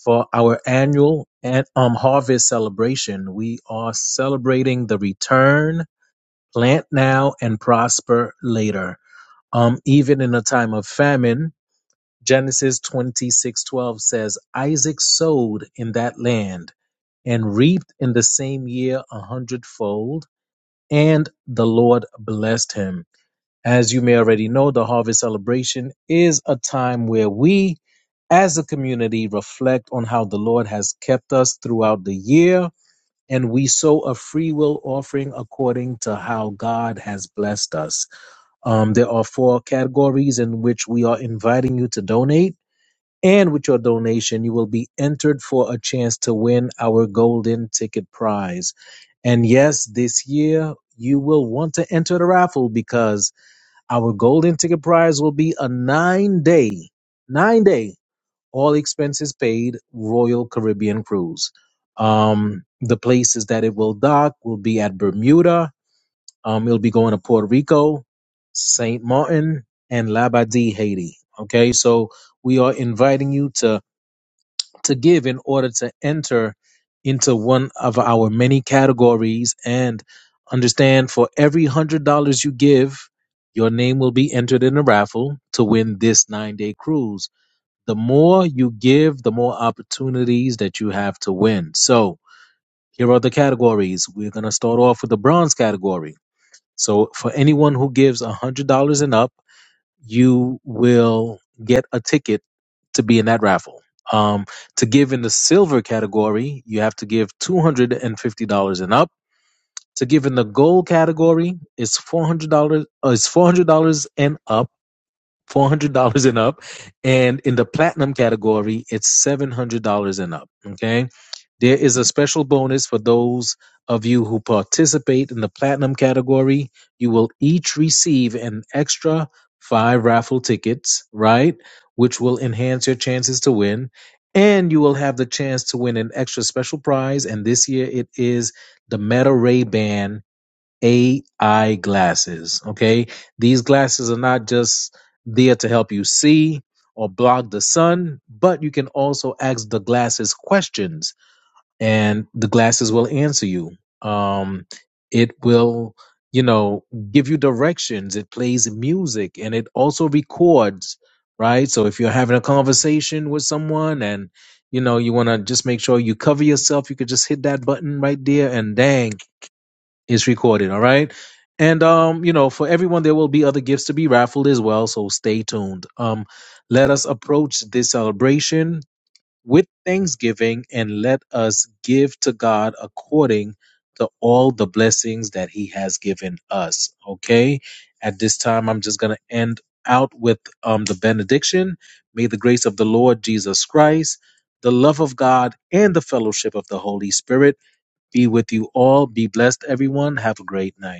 Speaker 1: for our annual and um, harvest celebration. We are celebrating the return, plant now, and prosper later. Um, even in a time of famine, Genesis 26:12 says, Isaac sowed in that land and reaped in the same year a hundredfold, and the Lord blessed him. As you may already know, the harvest celebration is a time where we as a community reflect on how the Lord has kept us throughout the year and we sow a free will offering according to how God has blessed us. Um, there are four categories in which we are inviting you to donate. And with your donation, you will be entered for a chance to win our golden ticket prize. And yes, this year you will want to enter the raffle because our golden ticket prize will be a nine day, nine day, all expenses paid Royal Caribbean cruise. Um, the places that it will dock will be at Bermuda. Um, it'll be going to Puerto Rico, Saint Martin, and Labadee, Haiti. Okay, so we are inviting you to to give in order to enter into one of our many categories and understand for every hundred dollars you give, your name will be entered in a raffle to win this nine day cruise. The more you give, the more opportunities that you have to win. So here are the categories. We're going to start off with the bronze category. So for anyone who gives $100 and up, you will get a ticket to be in that raffle. Um, to give in the silver category, you have to give $250 and up. To give in the gold category, it's $400, uh, it's $400 and up four hundred dollars and up, and in the platinum category, it's seven hundred dollars and up. Okay, there is a special bonus for those of you who participate in the platinum category. You will each receive an extra five raffle tickets, right, which will enhance your chances to win. And you will have the chance to win an extra special prize, and this year it is the Meta Ray Ban AI glasses. Okay. These glasses are not just there to help you see or block the sun, but you can also ask the glasses questions and the glasses will answer you. Um, it will, you know, give you directions. It plays music and it also records, right? So if you're having a conversation with someone and you know, you want to just make sure you cover yourself. You could just hit that button right there, and dang, is recorded, all right? And um, you know, for everyone there will be other gifts to be raffled as well, so stay tuned. Um, let us approach this celebration with thanksgiving and let us give to God according to all the blessings that he has given us, okay? At this time I'm just going to end out with um the benediction. May the grace of the Lord Jesus Christ, the love of God and the fellowship of the Holy Spirit be with you all. Be blessed, everyone. Have a great night.